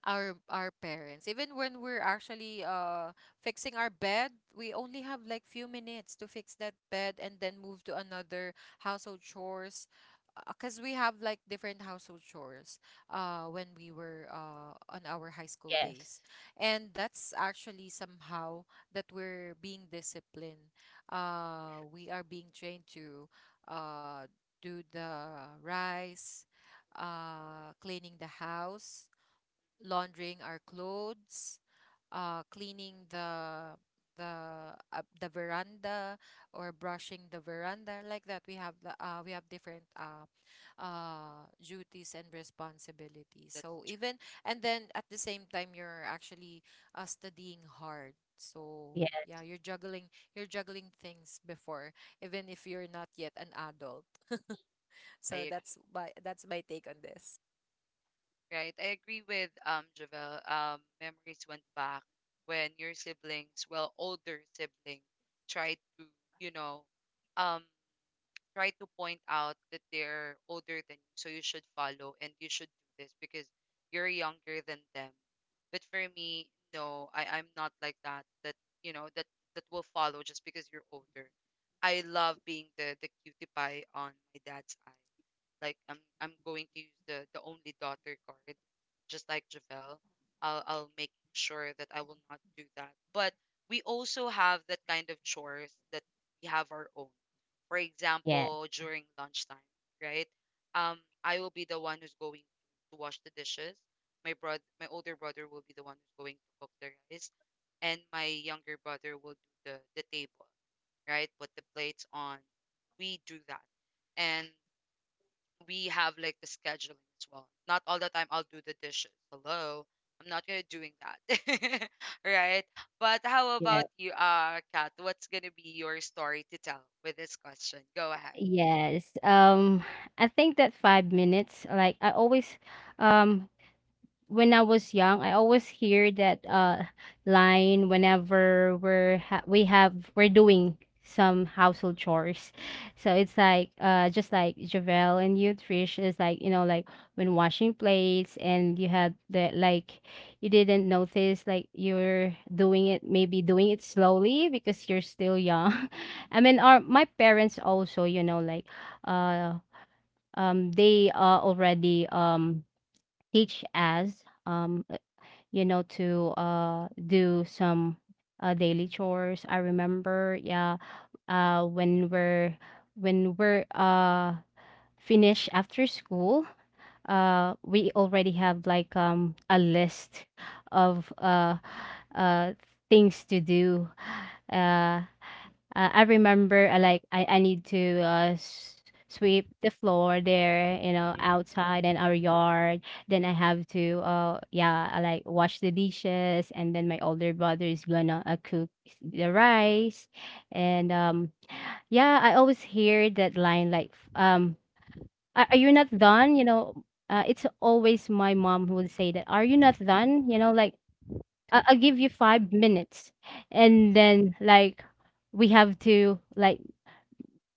Speaker 2: our our parents. Even when we're actually, uh fixing our bed, we only have like few minutes to fix that bed and then move to another household chores, because we have like different household chores, uh when we were, uh on our high school
Speaker 3: Yes.
Speaker 2: days, and that's actually somehow that we're being disciplined. Uh we are being trained to, uh do the rice, uh cleaning the house, laundering our clothes, uh, cleaning the the uh, the veranda, or brushing the veranda, like that, we have the, uh, we have different, uh, uh duties and responsibilities,
Speaker 1: that's
Speaker 2: so
Speaker 1: true.
Speaker 2: even, and then at the same time, you're actually, uh, studying hard. So
Speaker 3: Yes,
Speaker 2: yeah, you're juggling you're juggling things before, even if you're not yet an adult.
Speaker 1: I
Speaker 2: So
Speaker 1: agree.
Speaker 2: that's my that's my take on this.
Speaker 1: Right. I agree with um Javel. Um, memories went back when your siblings, well, older siblings, tried to, you know, um, try to point out that they're older than you, so you should follow and you should do this because you're younger than them. But for me, no, I, I'm not like that. That you know that that will follow just because you're older. I love being the the cutie pie on my dad's eye. Like I'm I'm going to use the the only daughter card, just like Javel. I'll I'll make sure that I will not do that. But we also have that kind of chores that we have our own. For
Speaker 3: yes,
Speaker 1: example, during lunchtime, right? Um, I will be the one who's going to wash the dishes. My brother, my older brother will be the one who's going to cook the rice and my younger brother will do the the table, right? Put the plates on. We do that. And we have like the scheduling as well. Not all the time I'll do the dishes. Hello. I'm not gonna doing that. right? But how
Speaker 3: yes.
Speaker 1: about you, uh Kat? What's gonna be your story to tell with this question? Go ahead.
Speaker 3: Yes. Um, I think that five minutes, like I always, um, when I was young, I always hear that uh line whenever we're ha- we have we're doing some household chores. So it's like uh just like Javel and you Trish, is like, you know, like, when washing plates, and you had the like, you didn't notice, like you're doing it, maybe doing it slowly because you're still young. I mean our, my parents also, you know, like uh um they uh already um teach us, um you know, to uh do some uh daily chores. I remember, yeah, uh when we're when we're uh finished after school, uh we already have like um a list of uh uh things to do. Uh uh, I remember, uh, like I, I need to uh, s- sweep the floor there, you know,
Speaker 1: Mm-mm.
Speaker 3: outside and our yard. Then I have to uh yeah, I, like wash the dishes, and then my older brother is gonna uh, cook the rice. And um yeah, I always hear that line like f- um are, are you not done? You know, uh, it's always my mom who would say that, are you not done? You know, like, I- I'll give you five minutes. And then like we have to like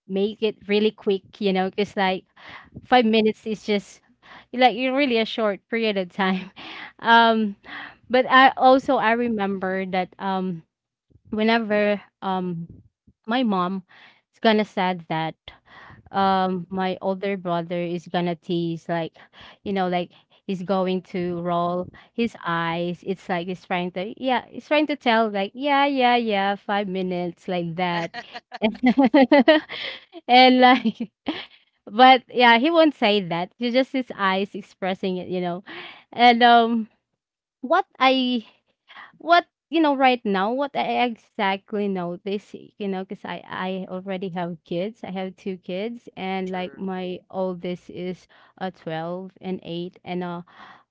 Speaker 3: make it really quick, you know, because like, five minutes is just like, you really a short period of time. Um, but I also I remember that um whenever um my mom is gonna sad that um my older brother is gonna tease, like, you know, like he's going to roll his eyes. It's like he's trying to, yeah, he's trying to tell, like, "Yeah, yeah, yeah, five minutes," like that. And like, but yeah, he won't say that. It's just his eyes expressing it you know And um what I— what you know right now, what I exactly notice, you know, because I I already have kids. I have two kids, and like
Speaker 1: True.
Speaker 3: my oldest is uh twelve and eight, and uh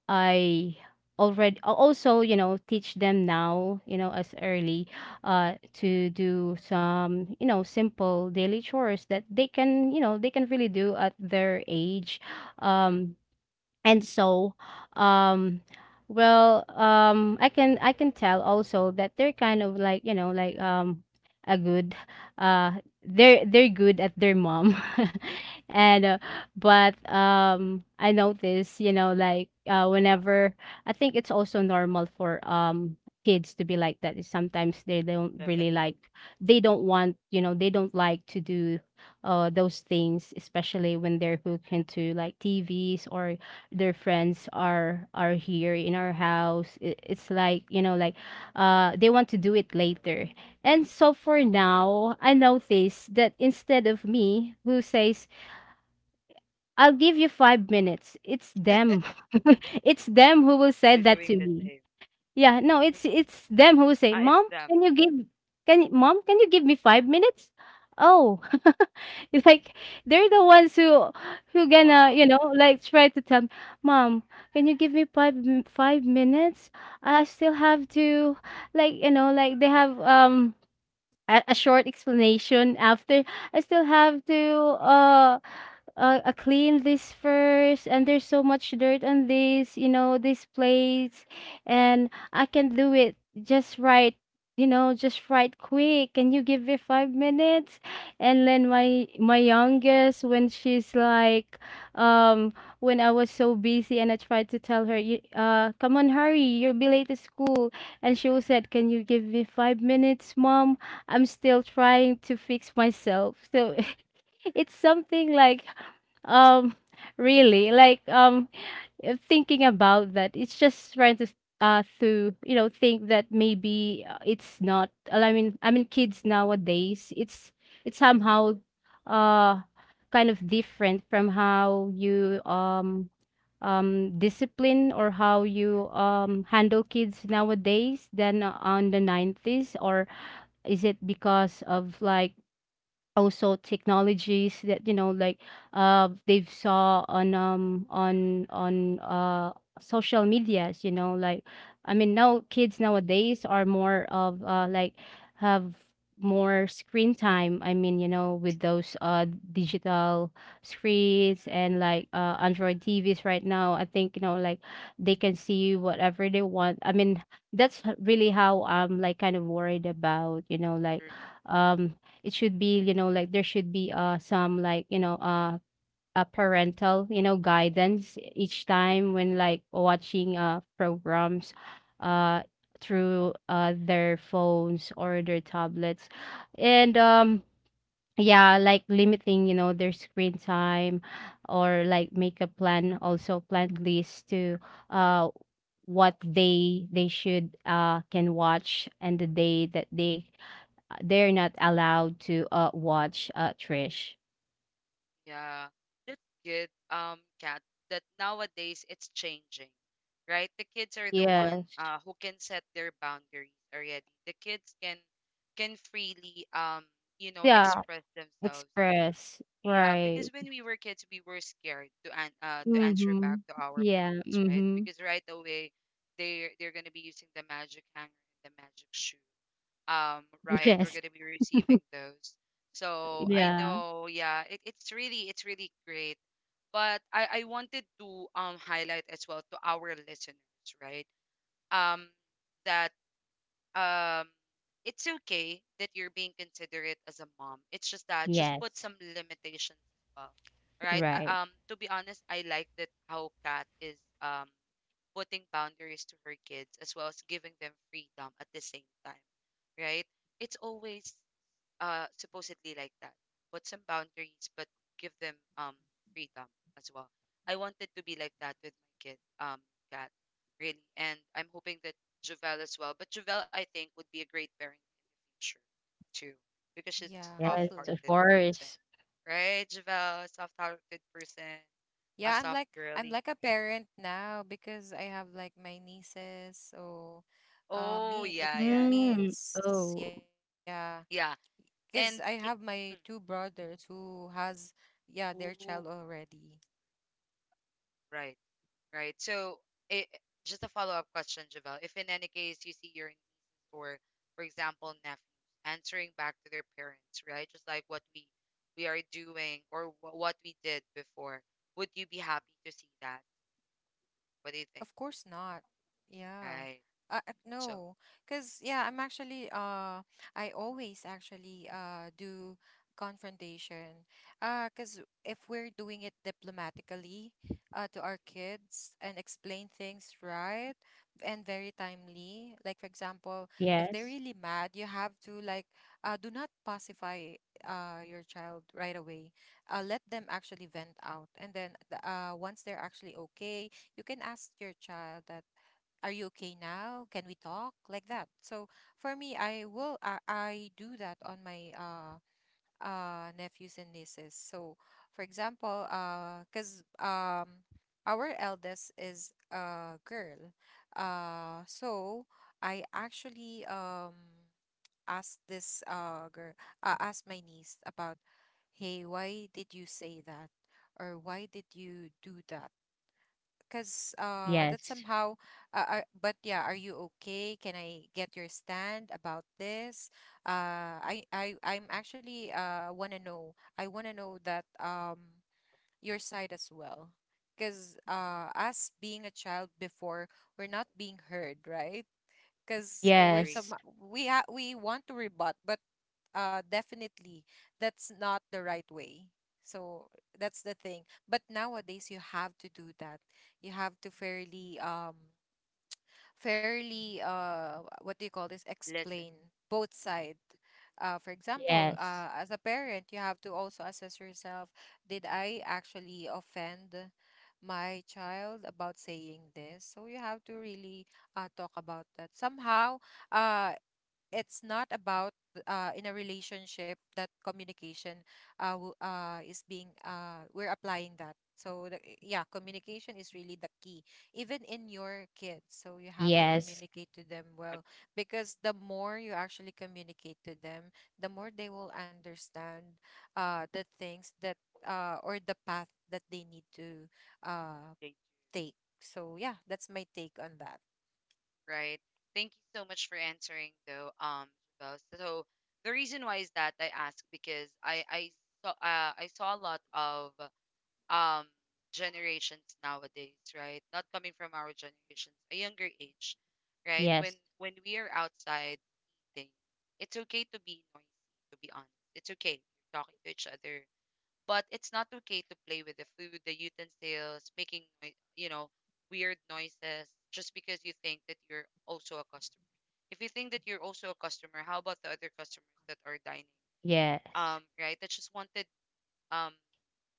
Speaker 3: I already al- also, you know, teach them now, you know, as early uh to do some, you know, simple daily chores that they can, you know, they can really do at their age. um and so um well, um i can i can tell also that they're kind of like, you know, like um a good uh they're they're good at their mom. And uh, but um I notice, you know, like uh whenever I think it's also normal for um kids to be like that. Sometimes they don't really
Speaker 1: Definitely.
Speaker 3: like, they don't want, you know, they don't like to do uh those things, especially when they're hooked into like TVs or their friends are are here in our house. It, it's like, you know, like uh they want to do it later. And so for now I notice that instead of me who says, "I'll give you five minutes," it's them. It's them who will say
Speaker 1: You're
Speaker 3: that
Speaker 1: doing
Speaker 3: to
Speaker 1: the
Speaker 3: me.
Speaker 1: same.
Speaker 3: Yeah, no,
Speaker 1: Mm-mm.
Speaker 3: it's it's them who say,
Speaker 1: Ah, it's
Speaker 3: "Mom,
Speaker 1: them.
Speaker 3: can you give, can y— Mom, can you give me five minutes?" Oh, it's like they're the ones who who gonna,
Speaker 1: Wow.
Speaker 3: you know, like try to tell me, "Mom, can you give me five m— five minutes? I still have to, like, you know, like," they have um a, a short explanation after. "I still have to uh uh, uh, clean this first, and there's so much dirt on this, you know, this plates, and I can do it just right, you know, just right quick. Can you give me five minutes?" And then my my youngest, when she's like, um when I was so busy and I tried to tell her, "You— uh, come on, hurry, you'll be late to school," and she was said, "Can you give me five minutes, Mom? I'm still trying to fix myself." So it's something like, um, really, like, um, uh, thinking about that. It's just trying to uh to, you know, think that maybe uh, it's not. uh, I mean, I mean, kids nowadays, it's it's somehow uh kind of different from how you um um discipline or how you um handle kids nowadays than on the nineties. Or is it because of like also technologies that, you know, like uh they've saw on um on on uh social medias, you know, like, I mean, now kids nowadays are more of uh like have more screen time. I mean, you know, with those uh digital screens and like uh android TVs right now, I think, you know, like they can see whatever they want. I mean, that's h— really how I'm like kind of worried about, you know, like
Speaker 1: True.
Speaker 3: um it should be, you know, like there should be uh some, like, you know, uh a parental, you know, guidance each
Speaker 1: True.
Speaker 3: time
Speaker 1: Agree.
Speaker 3: when like watching uh programs uh through uh their phones or their tablets. And um yeah, like limiting, you know, their screen time, or like make a plan, also plan list to uh what they they should uh can watch, and the day that they, they're not allowed to, uh, watch, uh, Trish.
Speaker 1: Yeah, that's good. Um, Kat, that nowadays it's changing, right? The kids are the one
Speaker 3: Yes.
Speaker 1: uh who can set their boundaries already. The kids can can freely um you know
Speaker 3: Yeah,
Speaker 1: express themselves.
Speaker 3: express.
Speaker 1: Yeah,
Speaker 3: Right.
Speaker 1: because when we were kids, we were scared to an uh to answer back
Speaker 3: Mhm.
Speaker 1: to our
Speaker 3: Yeah,
Speaker 1: parents, right?
Speaker 3: mhm.
Speaker 1: Because right away they they're they're gonna be using the magic hanger and the magic shoe um right, we're
Speaker 3: Yes.
Speaker 1: going to be receiving those. So I
Speaker 3: Yeah.
Speaker 1: know yeah it, it's really it's really great but i i wanted to um highlight as well to our listeners, right? Um, that um it's okay that you're being considerate as a mom. It's just that just put
Speaker 3: Yes.
Speaker 1: some limitations as well, right? Uh,
Speaker 3: Right.
Speaker 1: um, to be honest I like that how Kat is um putting boundaries to her kids as well as giving them freedom at the same time, right? It's always uh supposedly like that. Put some boundaries but give them um freedom as well. I wanted to be like that with my kid, um, Cat, really. And I'm hoping that Javel as well, but Javel I think would be a great parent in the future too because she's a
Speaker 2: Yeah,
Speaker 3: Yes, of
Speaker 1: soft-hearted
Speaker 2: hopefully.
Speaker 1: person,
Speaker 3: course.
Speaker 1: right? Javel, a soft-hearted person, a
Speaker 2: Yeah, I'm
Speaker 1: soft
Speaker 2: like I'm
Speaker 1: girly.
Speaker 2: like a parent now, because I have like my nieces. So, uh,
Speaker 1: Oh
Speaker 2: me it
Speaker 1: yeah yeah yeah
Speaker 3: Mm.
Speaker 2: means,
Speaker 3: Oh,
Speaker 2: yeah,
Speaker 1: yeah.
Speaker 2: because I have my
Speaker 1: And
Speaker 2: two
Speaker 1: it,
Speaker 2: brothers who has, yeah, their child
Speaker 1: mm. Ooh,
Speaker 2: already.
Speaker 1: right. Right. So, it, just a follow-up question, Javel. If in any case you see your nieces or, for example, nephews answering back to their parents, right? Just like what we we are doing or wh- what we did before, would you be happy to see that? What do you think?
Speaker 2: Of course not. Yeah.
Speaker 1: Right.
Speaker 2: Uh, uh,
Speaker 1: So,
Speaker 2: no, because yeah, I'm actually, uh I always actually, uh do confrontation. Uh, because if we're doing it diplomatically, uh to our kids, and explain things right and very timely, like for example, if they're
Speaker 3: yes.
Speaker 2: really mad, you have to like, uh do not pacify, uh your child right away. Uh, let them actually vent out, and then, the- uh once they're actually okay, you can ask your child that, are you okay now, can we talk, like that. So for me, i will i, I do that on my, uh uh nephews and nieces. So for example, uh because, um our eldest is a girl, uh so I actually, um asked this, uh girl, uh, asked my niece about, hey, why did you say that, or why did you do that? Because uh that's
Speaker 3: Yes.
Speaker 2: somehow, uh, are, but yeah, are you okay, can I get your stand about this? uh i i I'm actually, uh want to know i want to know that, um your side as well. Because uh us being a child before, we're not being heard, right? Because we're
Speaker 1: agree.
Speaker 2: some,
Speaker 3: Yes.
Speaker 2: we ha- we want to rebut, but uh definitely that's not the right way. So that's the thing. But nowadays you have to do that. You have to fairly, um fairly, uh what do you call this,
Speaker 1: Listen.
Speaker 2: explain both side. Uh for example,
Speaker 3: Yes.
Speaker 2: uh as a parent, you have to also assess yourself, did I actually offend my child about saying this? So you have to really, uh, talk about that somehow. uh it's not about, uh in a relationship, that communication, uh w- uh is being, uh we're applying that. So the, eh, yeah, communication is really the key, even in your kids, so you have to
Speaker 3: Yes.
Speaker 2: communicate to them
Speaker 1: Agree.
Speaker 2: well. Because the more you actually communicate to them, the more they will understand, uh the things that, uh or the path that they need to, uh
Speaker 1: They do.
Speaker 2: take. So yeah, that's my take on that.
Speaker 1: Right. Thank you so much for answering, though, um, Javel. So the reason why is that I ask because I I saw uh, I saw a lot of um generations nowadays, right? Not coming from our generations, a younger age, right? When
Speaker 3: Yes.
Speaker 1: when we are outside eating, it's okay to be noisy, to be honest. It's okay. You're talking to each other. But it's not okay to play with the food, the utensils, making noi- you know, weird noises just because you think that you're also a customer. If you think that you're also a customer, how about the other customers that are dining?
Speaker 3: Yes.
Speaker 1: Um, right? That just wanted um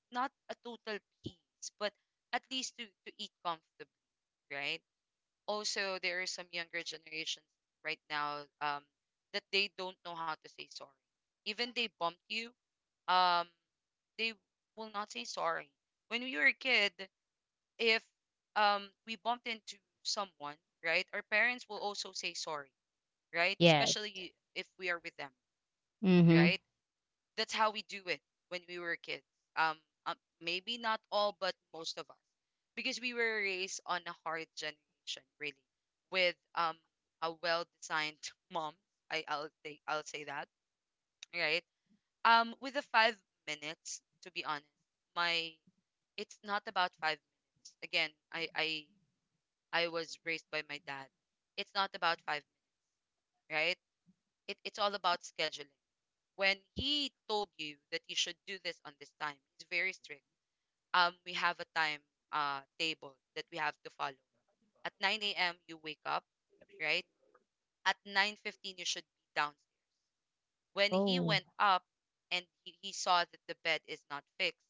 Speaker 1: not a total peace, but at least to, to eat comfortably, right? Also, there are some younger generations right now, um, that they don't know how to say sorry. Even they bumped you, um, they will not say sorry. When we were a kid, if, um, we bumped into someone, right, our parents will also say sorry, right?
Speaker 3: Yes.
Speaker 1: Especially if we are with them,
Speaker 3: Mhm.
Speaker 1: right? That's how we do it when we were kids. Um, um, Maybe not all, but most of us, because we were raised on a hard generation, really, with um a well-designed mom. I I'll say I'll say that, right? Um, with the five minutes, to be honest, my it's not about five minutes. Again, I I I was raised by my dad. It's not about five minutes, right? It, it's all about scheduling. When he told you that you should do this on this time, he's very strict. Um we have a time uh table that we have to follow. At nine a m you wake up, right? At nine fifteen you should be downstairs. When he
Speaker 3: Oh.
Speaker 1: went up and he, he saw that the bed is not fixed,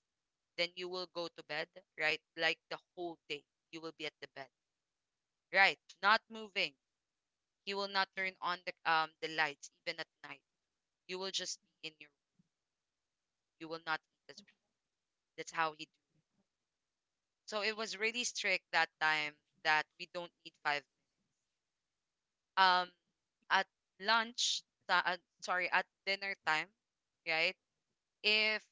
Speaker 1: then you will go to bed, right? Like the whole day you will be at the bed, right? Not moving. He will not turn on the um the lights even at night. You will just be in your you will not eat as well. That's how he do. So it was really strict that time that we don't need five um at lunch ta- uh, sorry, at dinner time. Right? If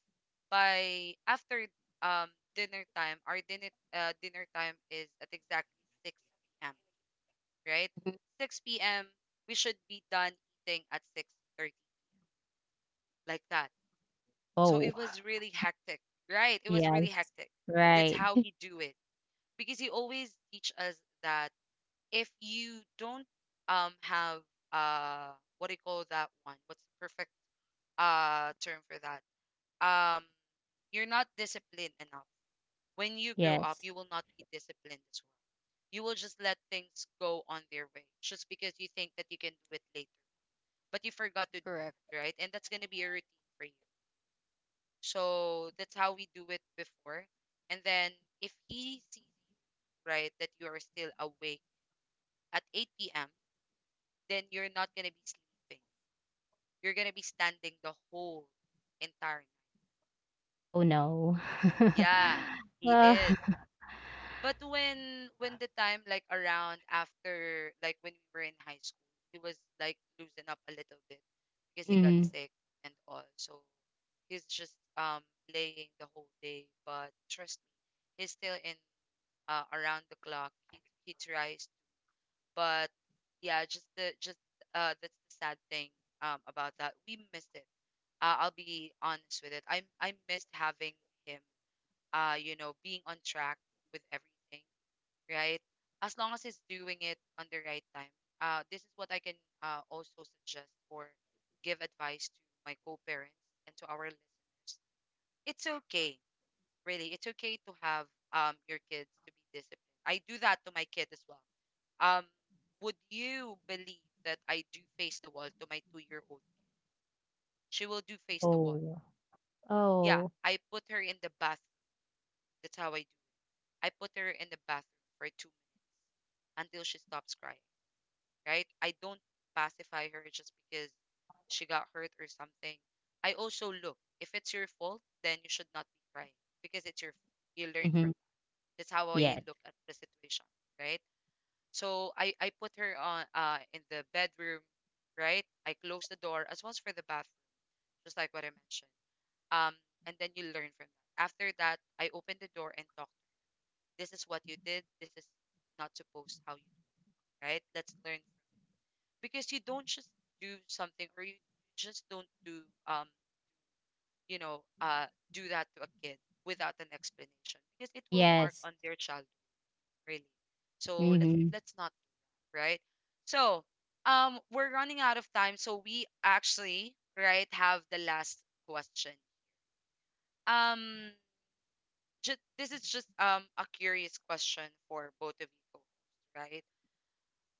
Speaker 1: by after um dinner time our dinner uh, dinner time is at exactly six p m. Right?
Speaker 3: Mhm.
Speaker 1: six p m., we should be done eating at six thirty, like that. So
Speaker 3: Oh.
Speaker 1: it was really hectic, right? It was really
Speaker 3: Yes.
Speaker 1: hectic. That's
Speaker 3: Right.
Speaker 1: how he do it, because he always teach us that if you don't um have, uh what do you call that one? What's the perfect uh term for that? Um you're not disciplined enough. When you grow up,
Speaker 3: Yes.
Speaker 1: you will not be disciplined as well. You will just let things go on their way just because you think that you can do it later, but you forgot to do
Speaker 2: Correct.
Speaker 1: it, right? And that's going to be a routine for you. So that's how we do it before. And then if he sees, right, that you are still awake at eight p m, then you're not gonna be sleeping. You're gonna be standing the whole entire night.
Speaker 3: Oh, no.
Speaker 1: Yeah, he
Speaker 3: Well,
Speaker 1: is. But when when the time, like around after, like when we were in high school, he was like loosen up a little bit because he got
Speaker 3: mhm.
Speaker 1: sick and all. So he's just um laying the whole day. But trust me, he's still in uh, around the clock. He he tries. But yeah, just the just uh that's the sad thing um about that. We missed it. Uh, I'll be honest with it. I I missed having him, uh you know being on track with everything, right? As long as he's doing it on the right time. Uh this is what I can uh also suggest or give advice to my co-parents and to our listeners. It's okay, really. It's okay to have um your kids to be disciplined. I do that to my kid as well. um would you believe that I do face the wall to my two year old? She will do face the wall.
Speaker 3: Oh.
Speaker 1: Yeah,
Speaker 3: Oh.
Speaker 1: I put her in the bathroom. That's how I do. I put her in the bathroom for two minutes until she stops crying, right? I don't pacify her just because she got hurt or something. I also look, if it's your fault, then you should not be crying, because it's your fault. You learn from
Speaker 3: Mhm.
Speaker 1: that. That's how I
Speaker 3: Yes.
Speaker 1: look at the situation, right? So I I put her on, uh in the bedroom, right? I close the door as well as for the bathroom, just like what I mentioned. Um, and then you learn from that. After that, I open the door and talk. This is what you did. This is not supposed how you do, right? Let's learn from, because you don't just do something, or you just don't do, um you know uh do that to a kid without an explanation, because it will mark
Speaker 3: Yes.
Speaker 1: on their childhood. Really. So let's
Speaker 3: Mhm.
Speaker 1: let's not, right? So, um, we're running out of time, so we actually, right, have the last question. Um, just, this is just um a curious question for both of you, co-hosts, right?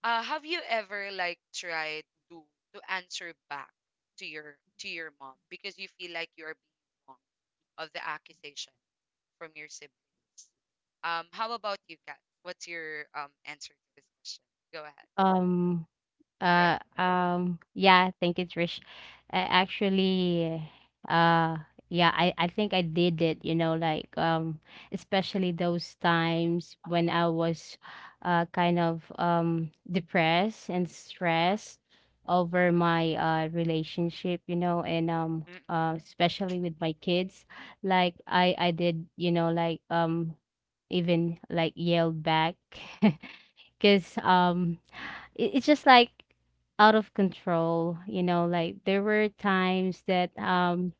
Speaker 1: Uh, have you ever like tried to to answer back to your to your mom because you feel like you are being wrong of the accusation from your siblings? Um, how about you, Kat? What's your um answer to this question? Go ahead.
Speaker 3: Um,
Speaker 1: Right.
Speaker 3: Uh, um, yeah, thank you, Trish. I actually, uh, yeah, I, I think I did it, you know, like, um, especially those times when I was, uh, kind of, um, depressed and stressed over my, uh, relationship, you know, and, um,
Speaker 1: Mm-mm.
Speaker 3: uh, especially with my kids, like, I, I did, you know, like, um, even like yelled back, because, um, it, it's just like out of control, you know, like there were times that um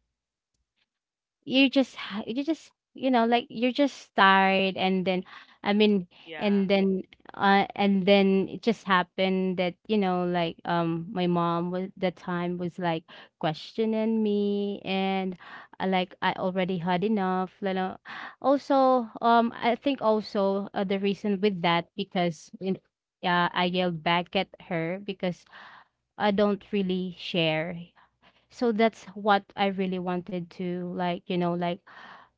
Speaker 3: you just ha— you just, you know, like, you're just tired. And then, I mean,
Speaker 1: Yeah.
Speaker 3: and then uh and then it just happened that, you know, like, um my mom was, the time was like questioning me. And uh, like, I already had enough, you know. Also, um I think also, uh, the reason with that, because in, yeah, I yelled back at her because I don't really share. So that's what I really wanted to, like, you know, like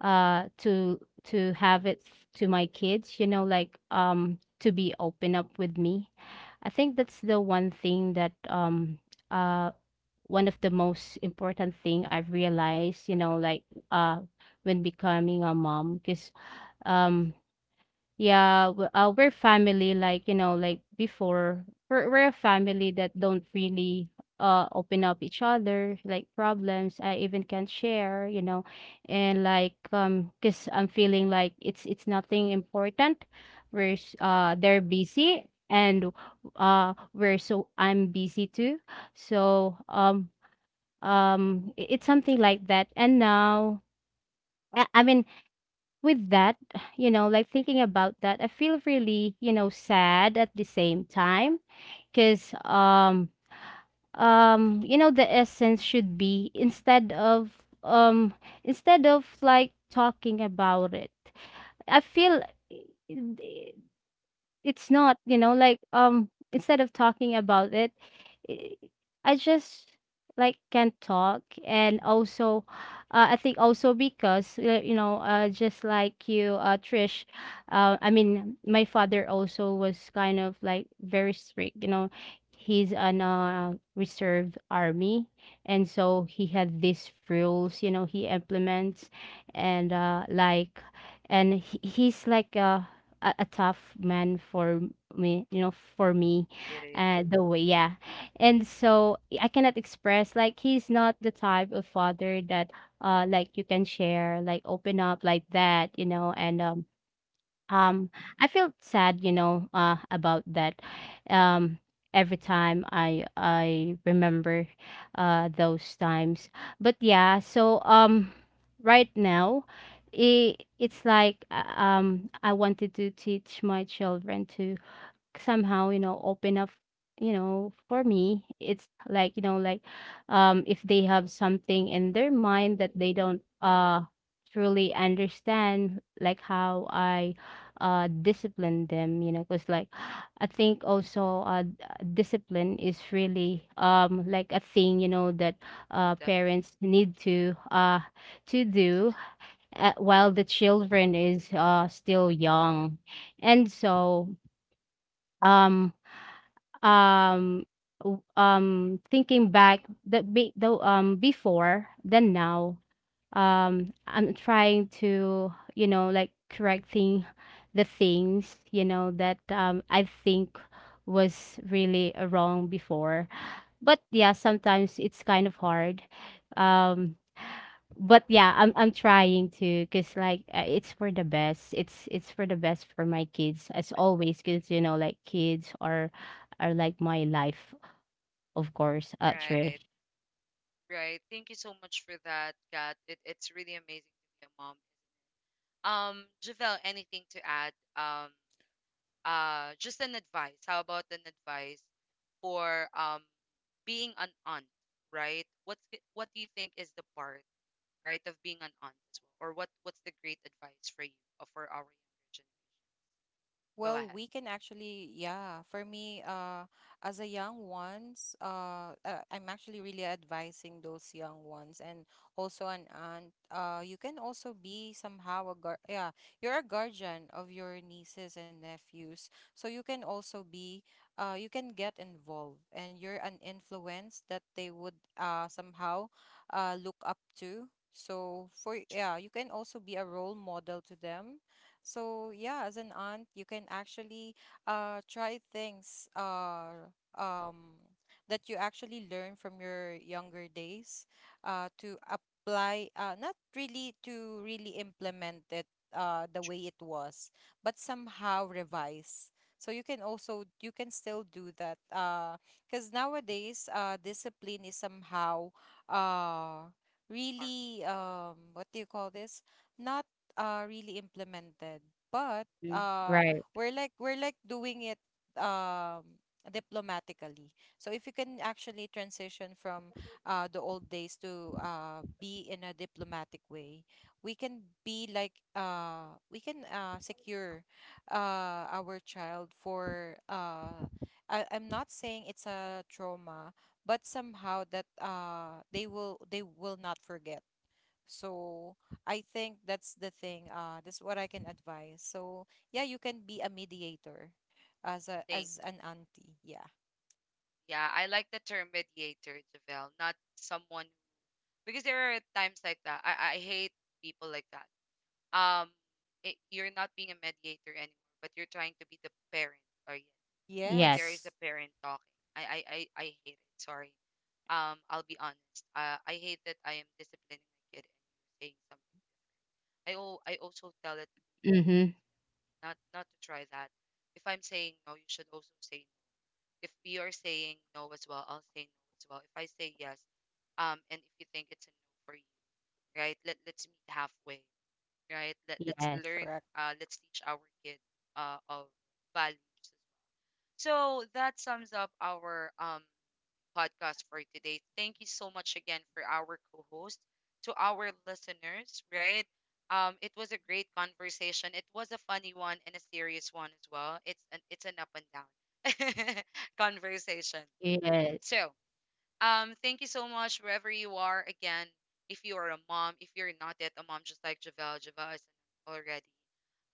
Speaker 3: uh to to have it f— to my kids, you know, like um to be open up with me. I think that's the one thing that um uh one of the most important thing I've realized, you know, like uh when becoming a mom, because um yeah, w— uh, we're family, like, you know, like before. We're we're a family that don't really uh open up each other, like problems. I even can't share, you know, and like um, cause I'm feeling like it's it's nothing important. We're s— uh, they're busy, and uh we're so, I'm busy too. So um um i— it's something like that. And now, I I mean, with that, you know, like, thinking about that, I feel really, you know, sad at the same time because um um you know, the essence should be instead of um instead of like talking about it. I feel, i— i— it's not, you know, like um instead of talking about it, i— I just like can't talk. And also, uh, I think also because, uh, you know, uh, just like you, uh, Trish, uh,
Speaker 1: Mm-mm.
Speaker 3: I mean, my father also was kind of like very strict, you know. He's an uh, reserve army, and so he had these rules, you know, he implements. And uh, like, and he, he's like a, a a tough man for me, you know, for me,
Speaker 1: It is.
Speaker 3: uh, the way, yeah. And so I cannot express, like, he's not the type of father that uh like you can share, like open up, like that, you know. And um um I felt sad, you know, uh about that. Um every time I I remember uh those times. But yeah, so um right now, it, it's like, uh, um I wanted to teach my children to somehow, you know, open up. You know, for me, it's like, you know, like, um if they have something in their mind that they don't uh truly understand, like how I uh discipline them, you know, because like, I think also, uh d- uh, discipline is really, um like a thing, you know, that uh
Speaker 1: Definitely,
Speaker 3: parents need to uh to do, uh, while the children is uh still young. And so um um w— um, thinking back that, be though, um before than now, um I'm trying to, you know, like, correcting the things, you know, that um I think was really, uh, wrong before. But yeah, sometimes it's kind of hard. um but yeah, I'm i'm trying to, cuz like, uh, it's for the best, it's it's for the best for my kids, as
Speaker 1: definitely.
Speaker 3: always, cuz, you know, like, kids are are like my life, of course, uh, Trish.
Speaker 1: Right, right. Thank you so much for that, Kat. It, it's really amazing to be a mom. Um, Javelle, anything to add? Um, uh, just an advice. How about an advice for um being an aunt, right? What's g- what do you think is the part, right, of being an aunt as well? Or what what's the great advice for you uh, for our younger generation? Go
Speaker 2: Well,
Speaker 1: ahead.
Speaker 2: we can actually, yeah. For me, uh, as a young ones, uh, uh, I'm actually really advising those young ones and also an aunt. Uh, you can also be somehow a guard. Yeah, you're a guardian of your nieces and nephews, so you can also be, uh, you can get involved, and you're an influence that they would, uh somehow, uh, look up to. So for, yeah, you can also be a role model to them. So yeah, as an aunt, you can actually, uh try things, uh um that you actually learn from your younger days, uh to apply, uh not really to really implement it, uh the
Speaker 1: True.
Speaker 2: way it was, but somehow revise. So you can also you can still do that, uh because nowadays, uh discipline is somehow, uh
Speaker 1: All right.
Speaker 2: really, um what do you call this? Not uh really implemented, but
Speaker 3: Mm,
Speaker 2: uh
Speaker 3: right.
Speaker 2: we're like we're like doing it, um diplomatically. So if you can actually transition from, uh the old days, to, uh be in a diplomatic way, we can be like, uh we can, uh secure, uh our child for, uh I, I'm not saying it's a trauma, but somehow that, uh they will they will not forget. So I think that's the thing. Uh, that's what I can advise. So yeah, you can be a mediator as a
Speaker 1: Thank.
Speaker 2: as an auntie. Yeah.
Speaker 1: Yeah, I like the term mediator, Javelle, not someone, because there are times like that. I, I hate people like that. Um, it, you're not being a mediator anymore, but you're trying to be the parent. Or yet, when there is
Speaker 3: Yes.
Speaker 2: Yes.
Speaker 1: a parent talking, I I I, I hate it. Sorry. Um, I'll be honest. Uh, I hate that I am disciplining my kid and saying something. I oh, I also tell it
Speaker 3: Mm-hmm.
Speaker 1: not not to try that. If I'm saying no, you should also say no. If you are saying no as well, I'll say no as well. If I say yes, um, and if you think it's a no for you, right? Let let's meet halfway, right? Let, let's
Speaker 3: Yes.
Speaker 1: learn,
Speaker 2: Correct.
Speaker 1: uh, let's teach our kid, uh, of values. As well. So that sums up our, um, podcast for today. Thank you so much again for our co host, to our listeners, right? Um, it was a great conversation. It was a funny one and a serious one as well. It's an it's an up and down conversation.
Speaker 3: Yes.
Speaker 1: So, um, thank you so much, wherever you are. Again, if you are a mom, if you're not yet a mom, just like Javel, Javel is already.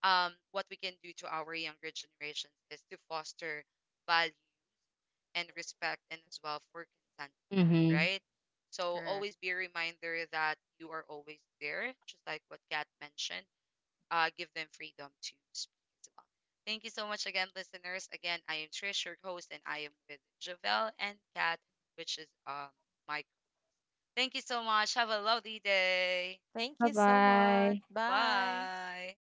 Speaker 1: Um, what we can do to our younger generations is to foster value and respect, and as well for consent,
Speaker 3: Mm-hmm.
Speaker 1: right? So
Speaker 2: Correct.
Speaker 1: always be a reminder that you are always there, just like what Kat mentioned. Uh, give them freedom to speak as well. Thank you so much again, listeners. Again, I am Trish, your host, and I am with Javel and Kat, which is um my. Thank you so much. Have a lovely day.
Speaker 3: Bye
Speaker 2: Thank you so
Speaker 3: bye.
Speaker 2: much. Bye.
Speaker 1: Bye.